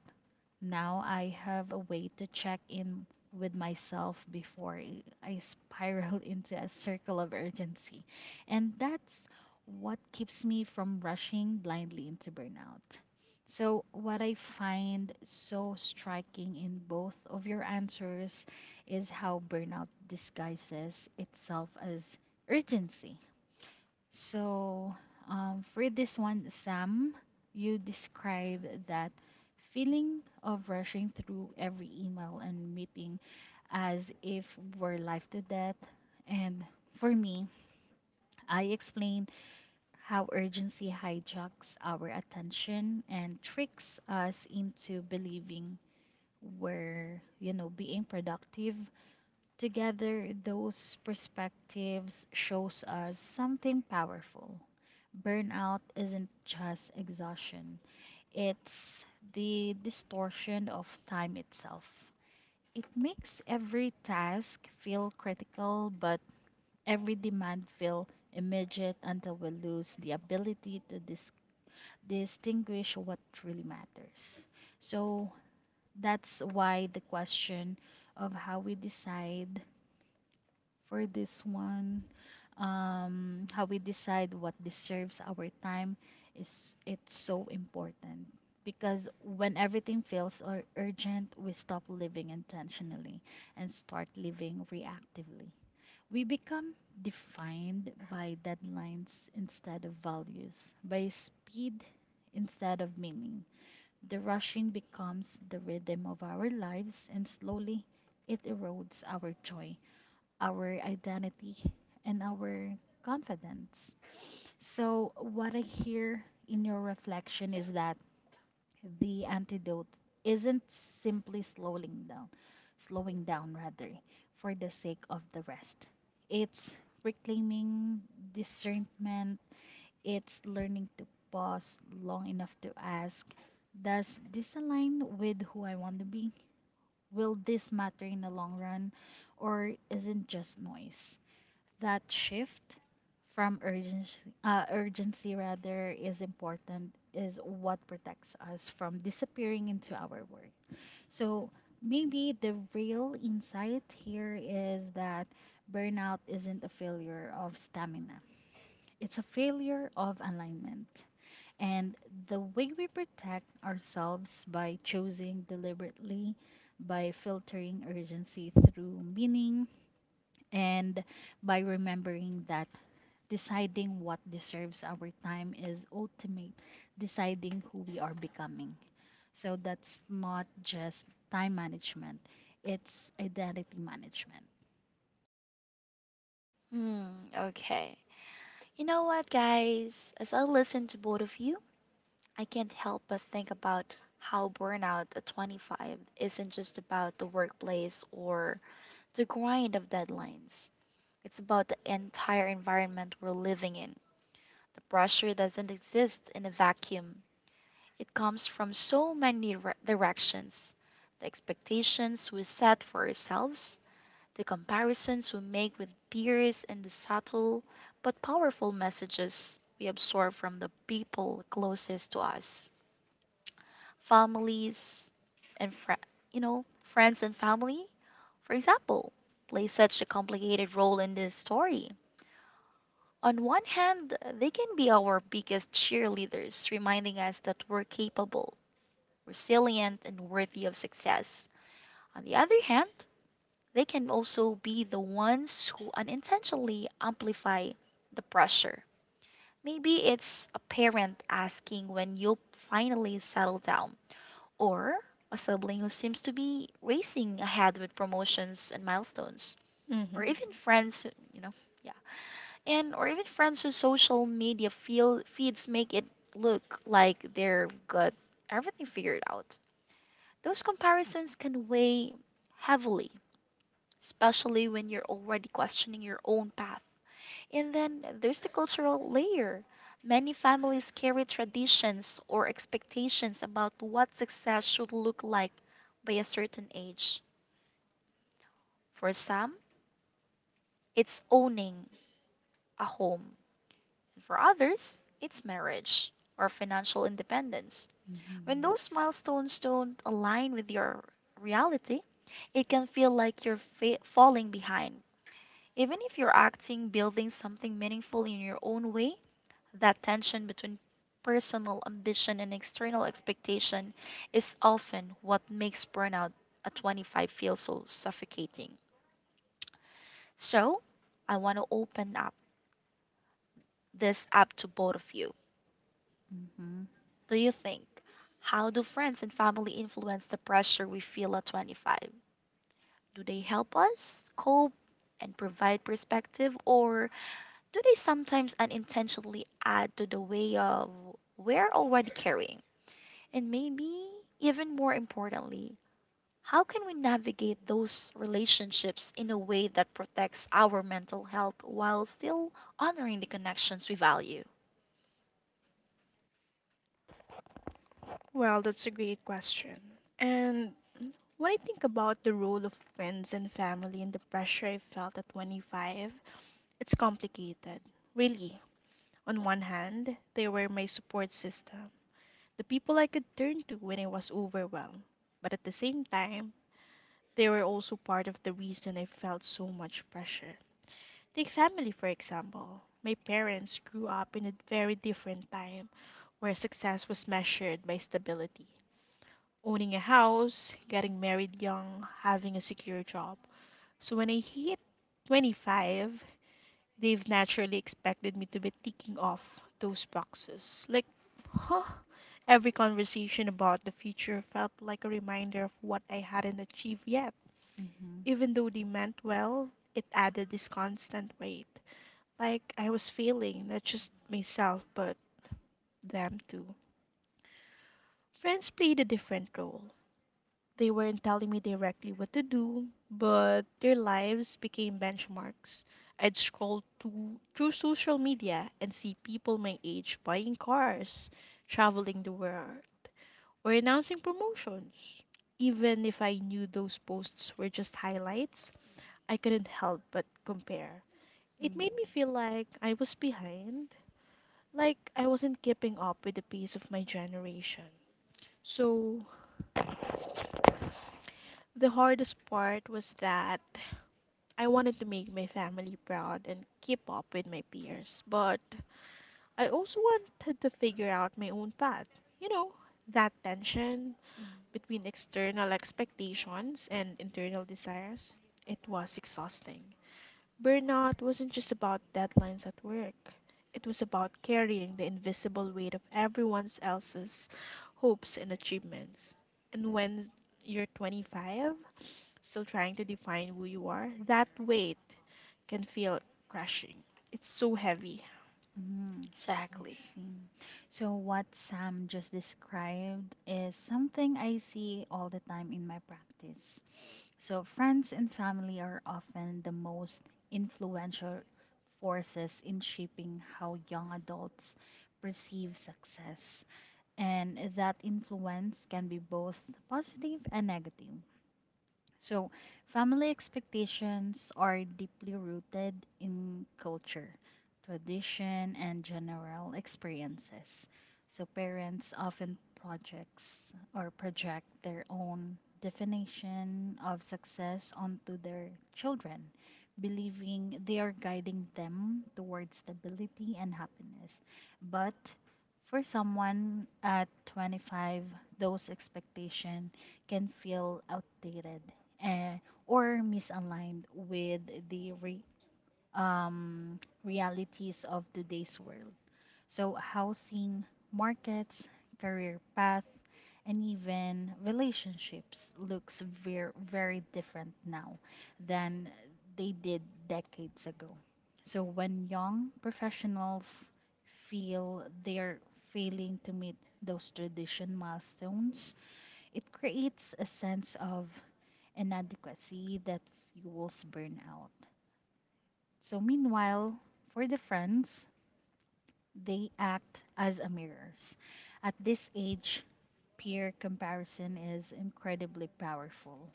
now I have a way to check in with myself before I spiral (laughs) into a circle of urgency. And that's what keeps me from rushing blindly into burnout. So, what I find so striking in both of your answers is how burnout disguises itself as urgency. So, for this one, Sam, you describe that feeling of rushing through every email and meeting as if we're life to death. And for me, I explained how urgency hijacks our attention and tricks us into believing we're, you know, being productive. Together, those perspectives shows us something powerful. Burnout isn't just exhaustion, it's the distortion of time itself. It makes every task feel critical, but every demand feel immediate until we lose the ability to distinguish what really matters. So that's why the question of how we decide, for this one how we decide what deserves our time is it's so important because when everything feels urgent, we stop living intentionally and start living reactively. We become defined by deadlines instead of values, by speed instead of meaning. The rushing becomes the rhythm of our lives and slowly it erodes our joy, our identity, and our confidence. So, what I hear in your reflection is that the antidote isn't simply slowing down rather, for the sake of the rest. It's reclaiming discernment, it's learning to pause long enough to ask, does this align with who I want to be? Will this matter in the long run, or isn't just noise? That shift from urgency rather is important is what protects us from disappearing into our work. So maybe the real insight here is that burnout isn't a failure of stamina. It's a failure of alignment. And the way we protect ourselves by choosing deliberately, by filtering urgency through meaning, and by remembering that deciding what deserves our time is ultimate, deciding who we are becoming. So that's not just time management, it's identity management.
Hmm, okay. You know what, guys? As I listen to both of you, I can't help but think about how burnout at 25 isn't just about the workplace or the grind of deadlines. It's about the entire environment we're living in. The pressure doesn't exist in a vacuum, it comes from so many directions. The expectations we set for ourselves, the comparisons we make with peers, and the subtle but powerful messages we absorb from the people closest to us, families and fri you know, friends and family, for example, play such a complicated role in this story. On one hand, they can be our biggest cheerleaders, reminding us that we're capable, resilient, and worthy of success. On the other hand, they can also be the ones who unintentionally amplify the pressure. Maybe it's a parent asking when you'll finally settle down, or a sibling who seems to be racing ahead with promotions and milestones, or
Mm-hmm.
even friends, who- you know, yeah, or even friends whose social media feeds make it look like they're got everything figured out. Those comparisons can weigh heavily, especially when you're already questioning your own path. And then there's the cultural layer. Many families carry traditions or expectations about what success should look like by a certain age. For some, it's owning a home, and for others, it's marriage or financial independence.
Hmm,
When
yes.
those milestones don't align with your reality, it can feel like you're falling behind. Even if you're acting, building something meaningful in your own way, that tension between personal ambition and external expectation is often what makes burnout at 25 feel so suffocating. So, I want to open up this up to both of you.
Hmm.
Do you think how do friends and family influence the pressure we feel at 25? Do they help us cope and provide perspective, or do they sometimes unintentionally add to the way of we're already carrying? And maybe even more importantly, how can we navigate those relationships in a way that protects our mental health while still honoring the connections we value?
Well, that's a great question. And When I think about the role of friends and family and the pressure I felt at 25, it's complicated. Really, on one hand, they were my support system, the people I could turn to when I was overwhelmed. But at the same time, they were also part of the reason I felt so much pressure. Take family, for example. My parents grew up in a very different time where success was measured by stability. Owning a house, getting married young, having a secure job. So when I hit 25, they've naturally expected me to be ticking off those boxes. Like, huh? Every conversation about the future felt like a reminder of what I hadn't achieved yet.
Hmm.
Even though they meant well, it added this constant weight. Like, I was failing, not just myself, but them too. Friends played a different role. They weren't telling me directly what to do, but their lives became benchmarks. I'd scroll to, through social media and see people my age buying cars, traveling the world, or announcing promotions. Even if I knew those posts were just highlights, I couldn't help but compare. It made me feel like I was behind, like I wasn't keeping up with the pace of my generation. So, the hardest part was that I wanted to make my family proud and keep up with my peers, but I also wanted to figure out my own path. You know, that tension
Mm,
between external expectations and internal desires, it was exhausting. Burnout wasn't just about deadlines at work. It was about carrying the invisible weight of everyone else's hopes and achievements. And when you're 25, still trying to define who you are, that weight can feel crushing. It's so heavy.
Mm, I
exactly.
see. So, what Sam just described is something I see all the time in my practice. So, friends and family are often the most influential forces in shaping how young adults perceive success. And that influence can be both positive and negative. So, family expectations are deeply rooted in culture, tradition, and general experiences. So, parents often project their own definition of success onto their children, believing they are guiding them towards stability and happiness. But for someone at 25, those expectations can feel outdated, eh, or misaligned with the re- realities of today's world. So, housing, markets, career path, and even relationships looks very very different now than they did decades ago. So, when young professionals feel they're failing to meet those tradition milestones, it creates a sense of inadequacy that fuels burnout. So, meanwhile, for the friends, they act as a mirrors. At this age, peer comparison is incredibly powerful.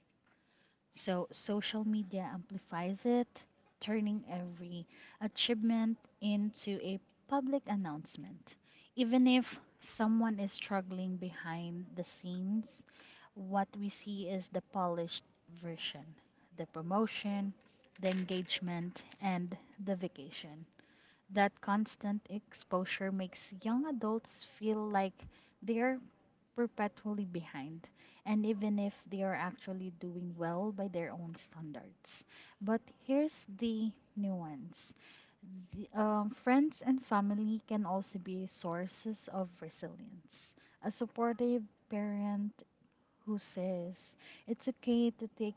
So social media amplifies it, turning every achievement into a public announcement. Even if someone is struggling behind the scenes, what we see is the polished version, the promotion, the engagement, and the vacation. That constant exposure makes young adults feel like they're perpetually behind, and even if they are actually doing well by their own standards. But here's the nuance friends and family can also be sources of resilience. A supportive parent who says it's okay to take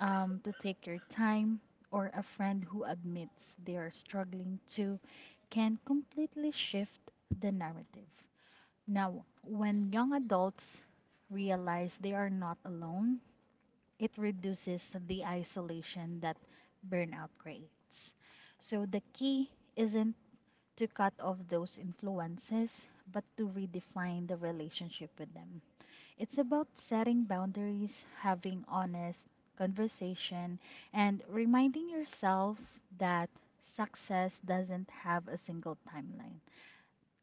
um, to take your time, or a friend who admits they are struggling too, can completely shift the narrative. Now, when young adults realize they are not alone, it reduces the isolation that burnout creates. So, the key isn't to cut off those influences, but to redefine the relationship with them. It's about setting boundaries, having honest conversation, and reminding yourself that success doesn't have a single timeline.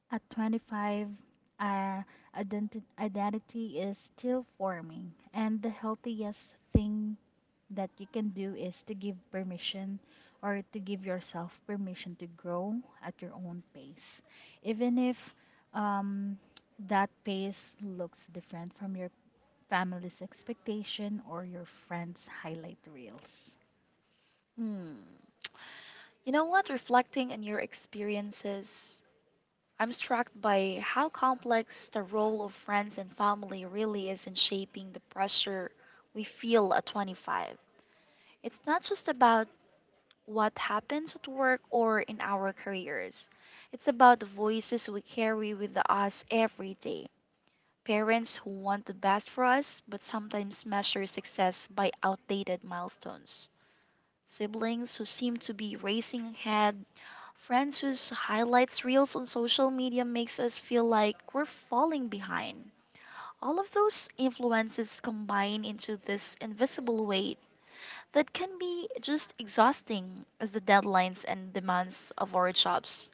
At 25, uh, identity is still forming, and the healthiest thing that you can do is to give permission or to give yourself permission to grow at your own pace. Even if um, that pace looks different from your family's expectation or your friends' highlight reels.
Hmm. You know what? Reflecting on your experiences, I'm struck by how complex the role of friends and family really is in shaping the pressure we feel at 25. It's not just about what happens at work or in our careers. It's about the voices we carry with us every day. Parents who want the best for us but sometimes measure success by outdated milestones. Siblings who seem to be racing ahead. Friends whose highlights reels on social media makes us feel like we're falling behind. All of those influences combine into this invisible weight that can be just exhausting as the deadlines and demands of our jobs.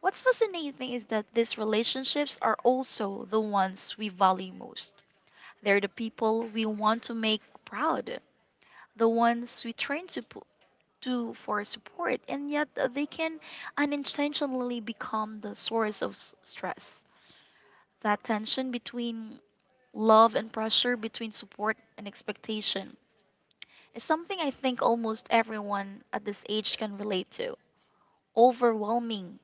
What's fascinating is that these relationships are also the ones we value most. They're the people we want to make proud, the ones we turn to to for support, and yet they can unintentionally become the source of stress. That tension between love and pressure, between support and expectation, is something I think almost everyone at this age can relate to. Overwhelming.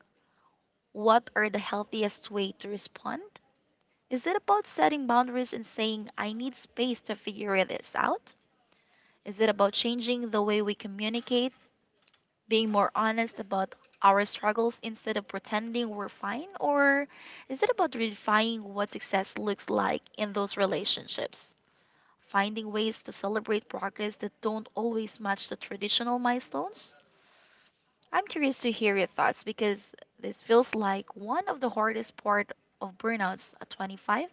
What are the healthiest way to respond? Is it about setting boundaries and saying, I need space to figure this out? Is it about changing the way we communicate, being more honest about our struggles instead of pretending we're fine? Or is it about redefining what success looks like in those relationships? Finding ways to celebrate progress that don't always match the traditional milestones? I'm curious to hear your thoughts because this feels like one of the hardest part of burnouts at 25.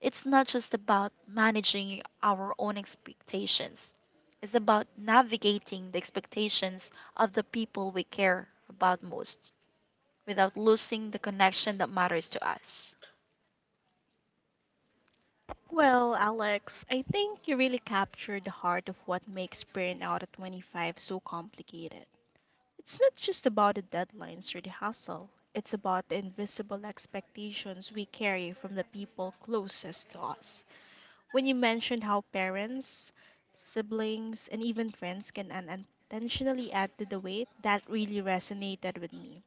It's not just about managing our own expectations. It's about navigating the expectations of the people we care about most without losing the connection that matters to us.
Well, Alex, I think you really captured the heart of what makes burnout at 25 so complicated. It's not just about the deadlines or the hustle, it's about the invisible expectations we carry from the people closest to us. When you mentioned how parents, siblings, and even friends can unintentionally add to the weight, that really resonated with me.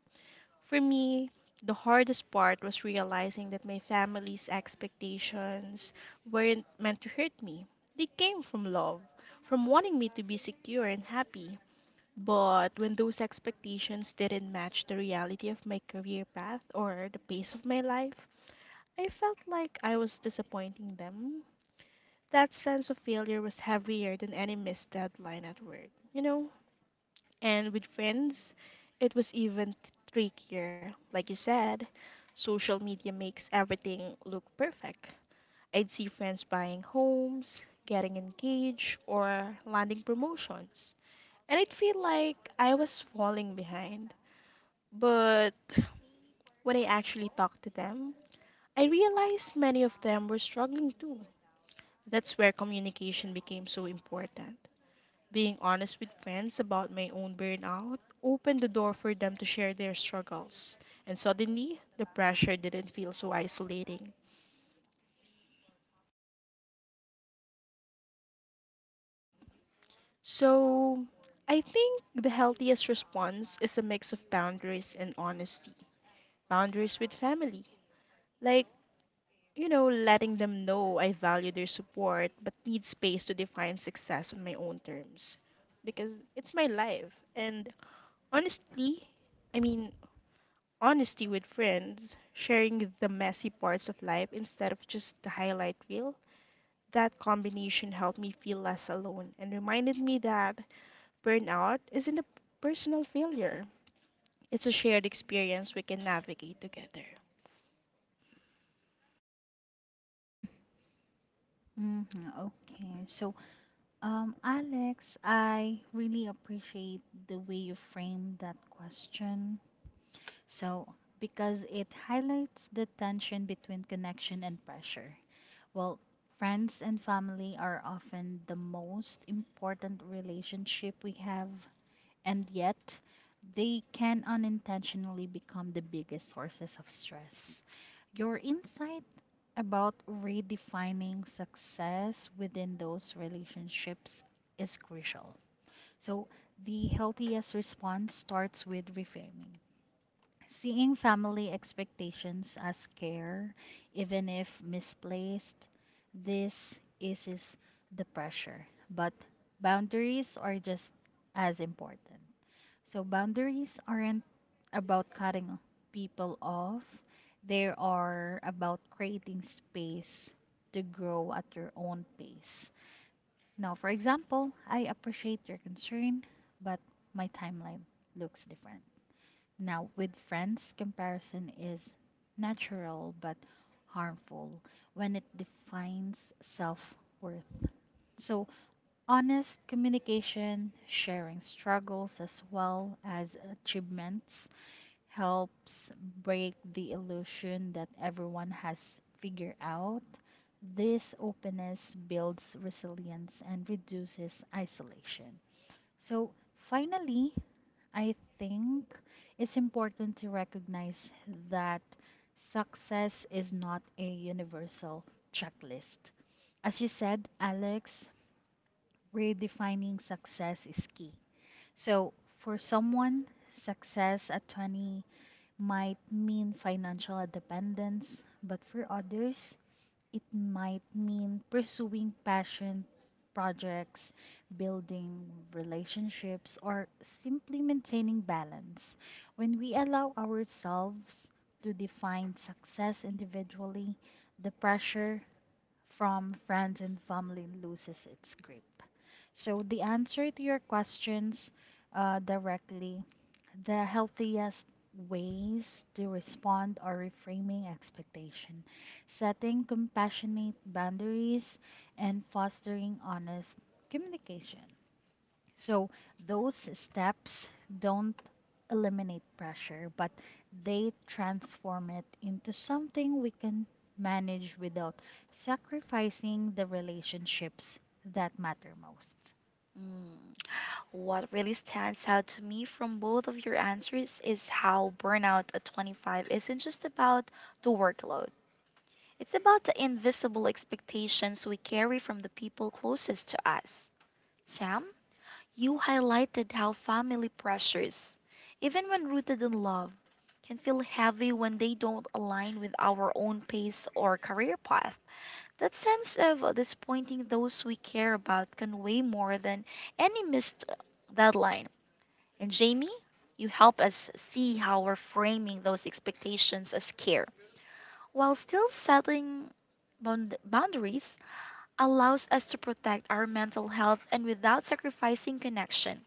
For me, the hardest part was realizing that my family's expectations weren't meant to hurt me. They came from love, from wanting me to be secure and happy. But when those expectations didn't match the reality of my career path or the pace of my life, I felt like I was disappointing them. That sense of failure was heavier than any missed deadline at work. You know, and with friends, it was even trickier. Like you said, social media makes everything look perfect. I'd see friends buying homes, getting engaged, or landing promotions. And I'd feel like I was falling behind. But when I actually talked to them, I realized many of them were struggling too. That's where communication became so important. Being honest with friends about my own burnout opened the door for them to share their struggles, and suddenly the pressure didn't feel so isolating. So, I think the healthiest response is a mix of boundaries and honesty. Boundaries with family, like, you know, letting them know I value their support but need space to define success on my own terms because it's my life. And honestly, I mean, honesty with friends, sharing the messy parts of life instead of just the highlight reel. That combination helped me feel less alone and reminded me that burnout isn't a personal failure. It's a shared experience we can navigate together.
hmm Okay. Alex, I really appreciate the way you framed that question. So, because it highlights the tension between connection and pressure. Well, friends and family are often the most important relationship we have, and yet they can unintentionally become the biggest sources of stress. Your insight about redefining success within those relationships is crucial. So, the healthiest response starts with reframing. Seeing family expectations as care, even if misplaced, this eases the pressure. But boundaries are just as important. So boundaries aren't about cutting people off. They are about creating space to grow at your own pace. Now, for example, I appreciate your concern, but my timeline looks different. Now, with friends, comparison is natural but harmful when it defines self worth. So, honest communication, sharing struggles as well as achievements, helps break the illusion that everyone has figured out. This openness builds resilience and reduces isolation. So, finally, I think it's important to recognize that success is not a universal checklist. As you said, Alex, redefining success is key. So, for someone, success at 20 might mean financial independence, but for others, it might mean pursuing passion projects, building relationships, or simply maintaining balance. When we allow ourselves to define success individually, the pressure from friends and family loses its grip. So, the answer to your questions, directly, the healthiest ways to respond are reframing expectation, setting compassionate boundaries, and fostering honest communication. So those steps don't eliminate pressure, but they transform it into something we can manage without sacrificing the relationships that matter most.
Mm, what really stands out to me from both of your answers is how burnout at 25 isn't just about the workload. It's about the invisible expectations we carry from the people closest to us. Sam, you highlighted how family pressures, even when rooted in love, can feel heavy when they don't align with our own pace or career path. That sense of disappointing those we care about can weigh more than any missed deadline. And Jamie, you help us see how we're framing those expectations as care. While still setting boundaries allows us to protect our mental health and without sacrificing connection.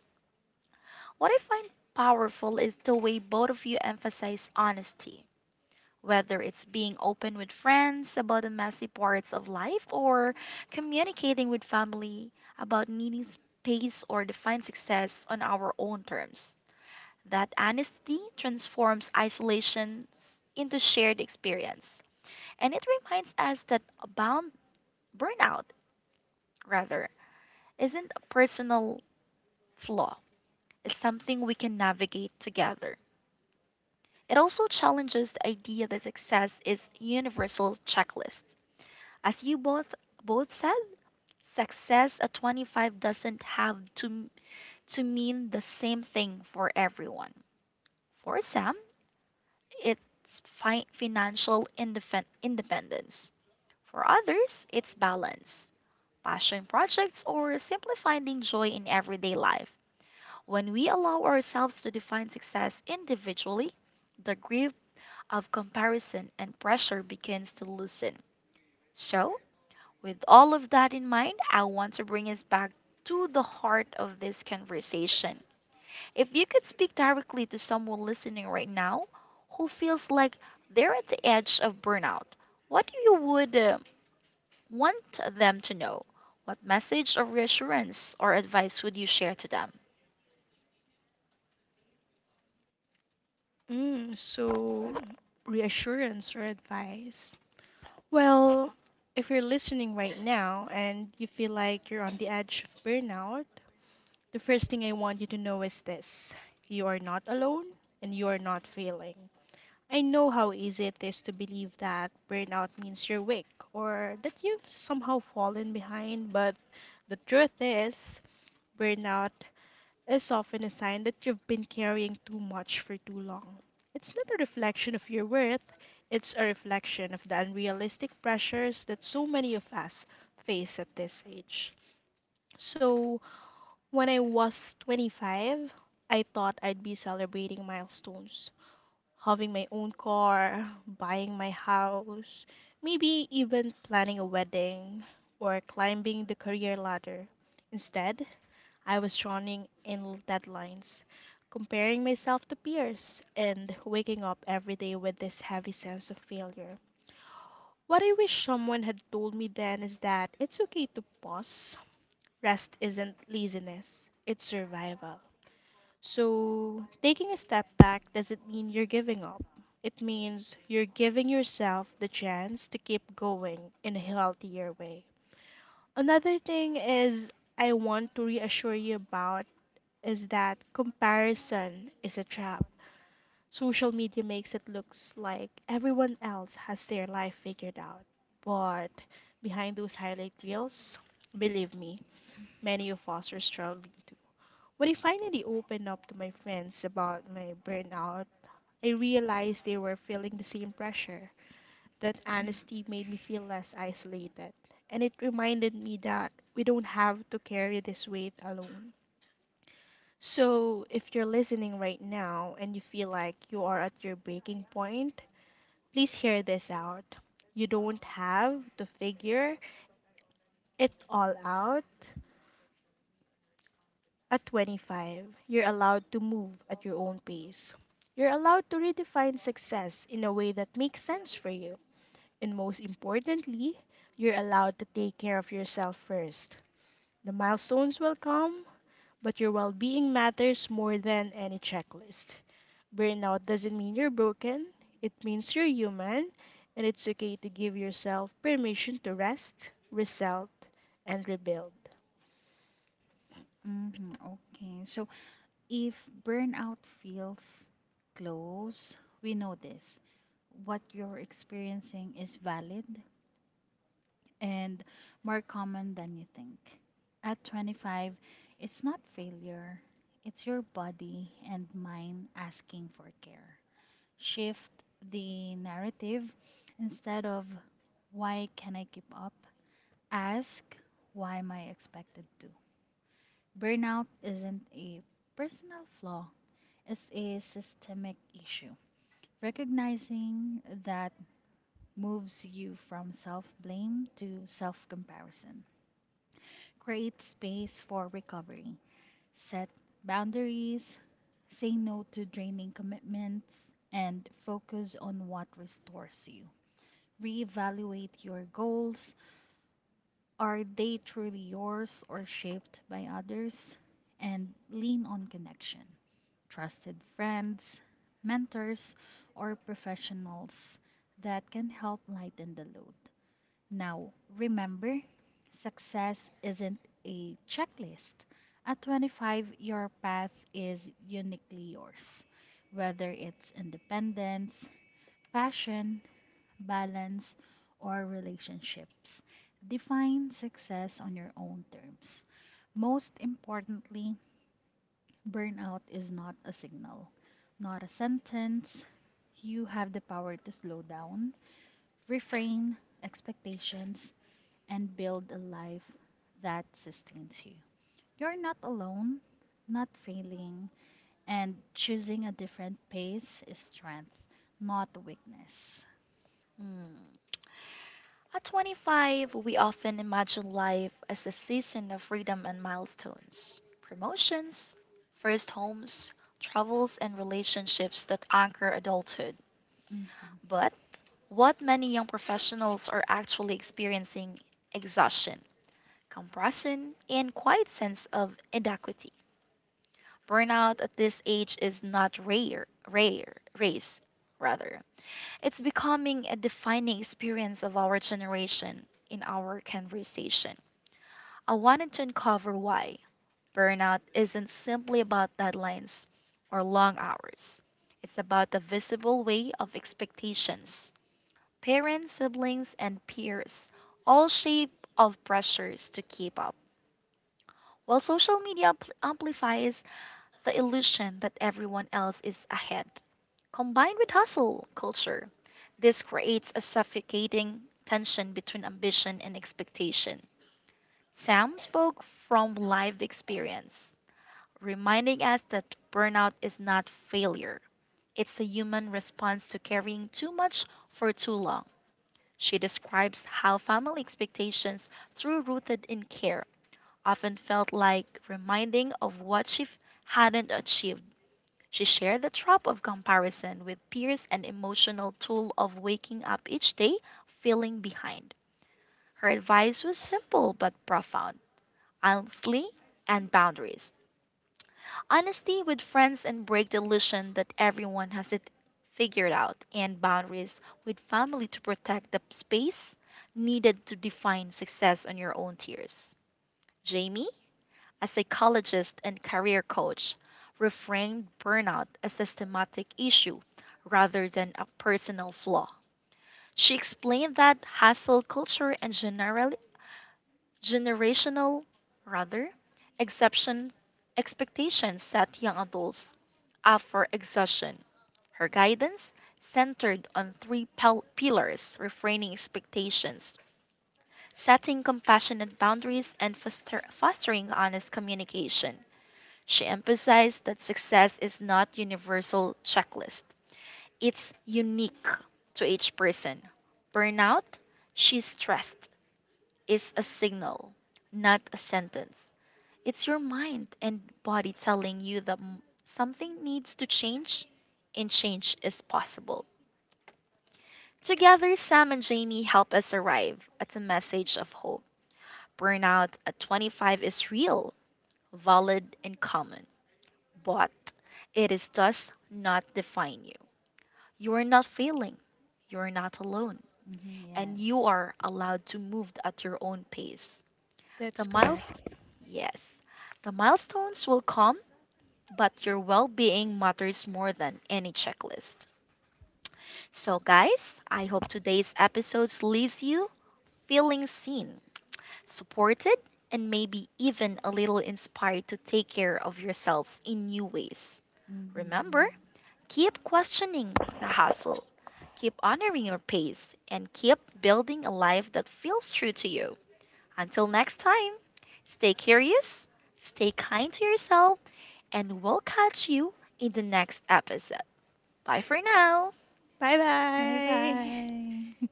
What I find powerful is the way both of you emphasize honesty, whether it's being open with friends about the messy parts of life or communicating with family about needing space or define success on our own terms. That honesty transforms isolations into shared experience. And it reminds us that boundaries Burnout, rather, isn't a personal flaw, it's something we can navigate together. It also challenges the idea that success is universal checklist. As you both said, success at 25 doesn't have to mean the same thing for everyone. For some, it's financial independence. For others, it's balance, passion projects, or simply finding joy in everyday life. When we allow ourselves to define success individually, the grip of comparison and pressure begins to loosen. So, with all of that in mind, I want to bring us back to the heart of this conversation. If you could speak directly to someone listening right now who feels like they're at the edge of burnout, what do you would want them to know? What message of reassurance or advice would you share to them?
Mm, so, reassurance or advice? Well, if you're listening right now and you feel like you're on the edge of burnout, the first thing I want you to know is this: you are not alone and you are not failing. I know how easy it is to believe that burnout means you're weak or that you've somehow fallen behind, but the truth is, burnout is often a sign that you've been carrying too much for too long. It's not a reflection of your worth, it's a reflection of the unrealistic pressures that so many of us face at this age. So, when I was 25, I thought I'd be celebrating milestones having my own car, buying my house, maybe even planning a wedding or climbing the career ladder. Instead, I was drowning in deadlines, comparing myself to peers, and waking up every day with this heavy sense of failure. What I wish someone had told me then is that it's okay to pause. Rest isn't laziness, it's survival. So, taking a step back doesn't mean you're giving up. It means you're giving yourself the chance to keep going in a healthier way. Another thing is I want to reassure you about is that comparison is a trap. Social media makes it looks like everyone else has their life figured out. But behind those highlight reels, believe me, many of us are struggling too. When I finally opened up to my friends about my burnout, I realized they were feeling the same pressure. That honesty made me feel less isolated, and it reminded me that we don't have to carry this weight alone. So, if you're listening right now and you feel like you are at your breaking point, please hear this out. You don't have to figure it all out. At 25, you're allowed to move at your own pace. You're allowed to redefine success in a way that makes sense for you. And most importantly, you're allowed to take care of yourself first. The milestones will come, but your well being matters more than any checklist. Burnout doesn't mean you're broken, it means you're human, and it's okay to give yourself permission to rest, reset, and rebuild.
Okay. So if burnout feels close, we know this. What you're experiencing is valid and more common than you think. At 25, it's not failure, it's your body and mind asking for care. Shift the narrative. Instead of why can I keep up? Ask why am I expected to? Burnout isn't a personal flaw, is a systemic issue. Recognizing that moves you from self blame to self comparison. Create space for recovery. Set boundaries. Say no to draining commitments and focus on what restores you. Reevaluate your goals. Are they truly yours or shaped by others? And lean on connection. Trusted friends, mentors, or professionals that can help lighten the load. Now, remember, success isn't a checklist. At 25, your path is uniquely yours, whether it's independence, passion, balance, or relationships. Define success on your own terms. Most importantly, burnout is not a signal, not a sentence. You have the power to slow down, refrain expectations, and build a life that sustains you. You're not alone, not failing, and choosing a different pace is strength, not weakness.
Hmm. At 25, we often imagine life as a season of freedom and milestones, promotions, first homes, travels, and relationships that anchor adulthood.
hmm
But what many young professionals are actually experiencing exhaustion, compression, and quiet sense of inadequacy. Burnout at this age is not rare, rare, race, rather. It's becoming a defining experience of our generation in our conversation. I wanted to uncover why burnout isn't simply about deadlines or long hours. It's about the visible way of expectations. Parents, siblings, and peers all shape of pressures to keep up. While social media amplifies the illusion that everyone else is ahead. Combined with hustle culture, this creates a suffocating tension between ambition and expectation. Sam spoke from lived experience reminding us that burnout is not failure. It's a human response to carrying too much for too long. She describes how family expectations, through rooted in care, often felt like reminding of what hadn't achieved. She shared the trap of comparison with peers and emotional tool of waking up each day feeling behind. Her advice was simple but profound honesty and boundaries. Honesty with friends and break the illusion that everyone has it figured out, and boundaries with family to protect the space needed to define success on your own terms. Jamie, a psychologist and career coach, reframed burnout as a systematic issue rather than a personal flaw. She explained that hustle culture and general generational rather exception expectations set young adults up for exhaustion. Her guidance centered on three pillars refraining expectations, setting compassionate boundaries, and fostering honest communication. She emphasized that success is not universal checklist. It's unique to each person. Burnout, she stressed, is a signal, not a sentence. It's your mind and body telling you that something needs to change, and change is possible. Together, Sam and Jamie help us arrive at a message of hope. Burnout at 25 is real, valid, and common, but it is does not define you. You are not failing, you are not alone, and you
Yes.
are allowed to move at your own pace. The
That's
miles,
correct.
yes, the milestones will come but your well being matters more than any checklist. So, guys, I hope today's episode leaves you feeling seen, supported, and maybe even a little inspired to take care of yourselves in new ways.
hmm
Remember, keep questioning the hustle, keep honoring your pace, and keep building a life that feels true to you. Until next time, stay curious, stay kind to yourself, and we'll catch you in the next episode. Bye for now.
Bye
Bye
bye!
bye.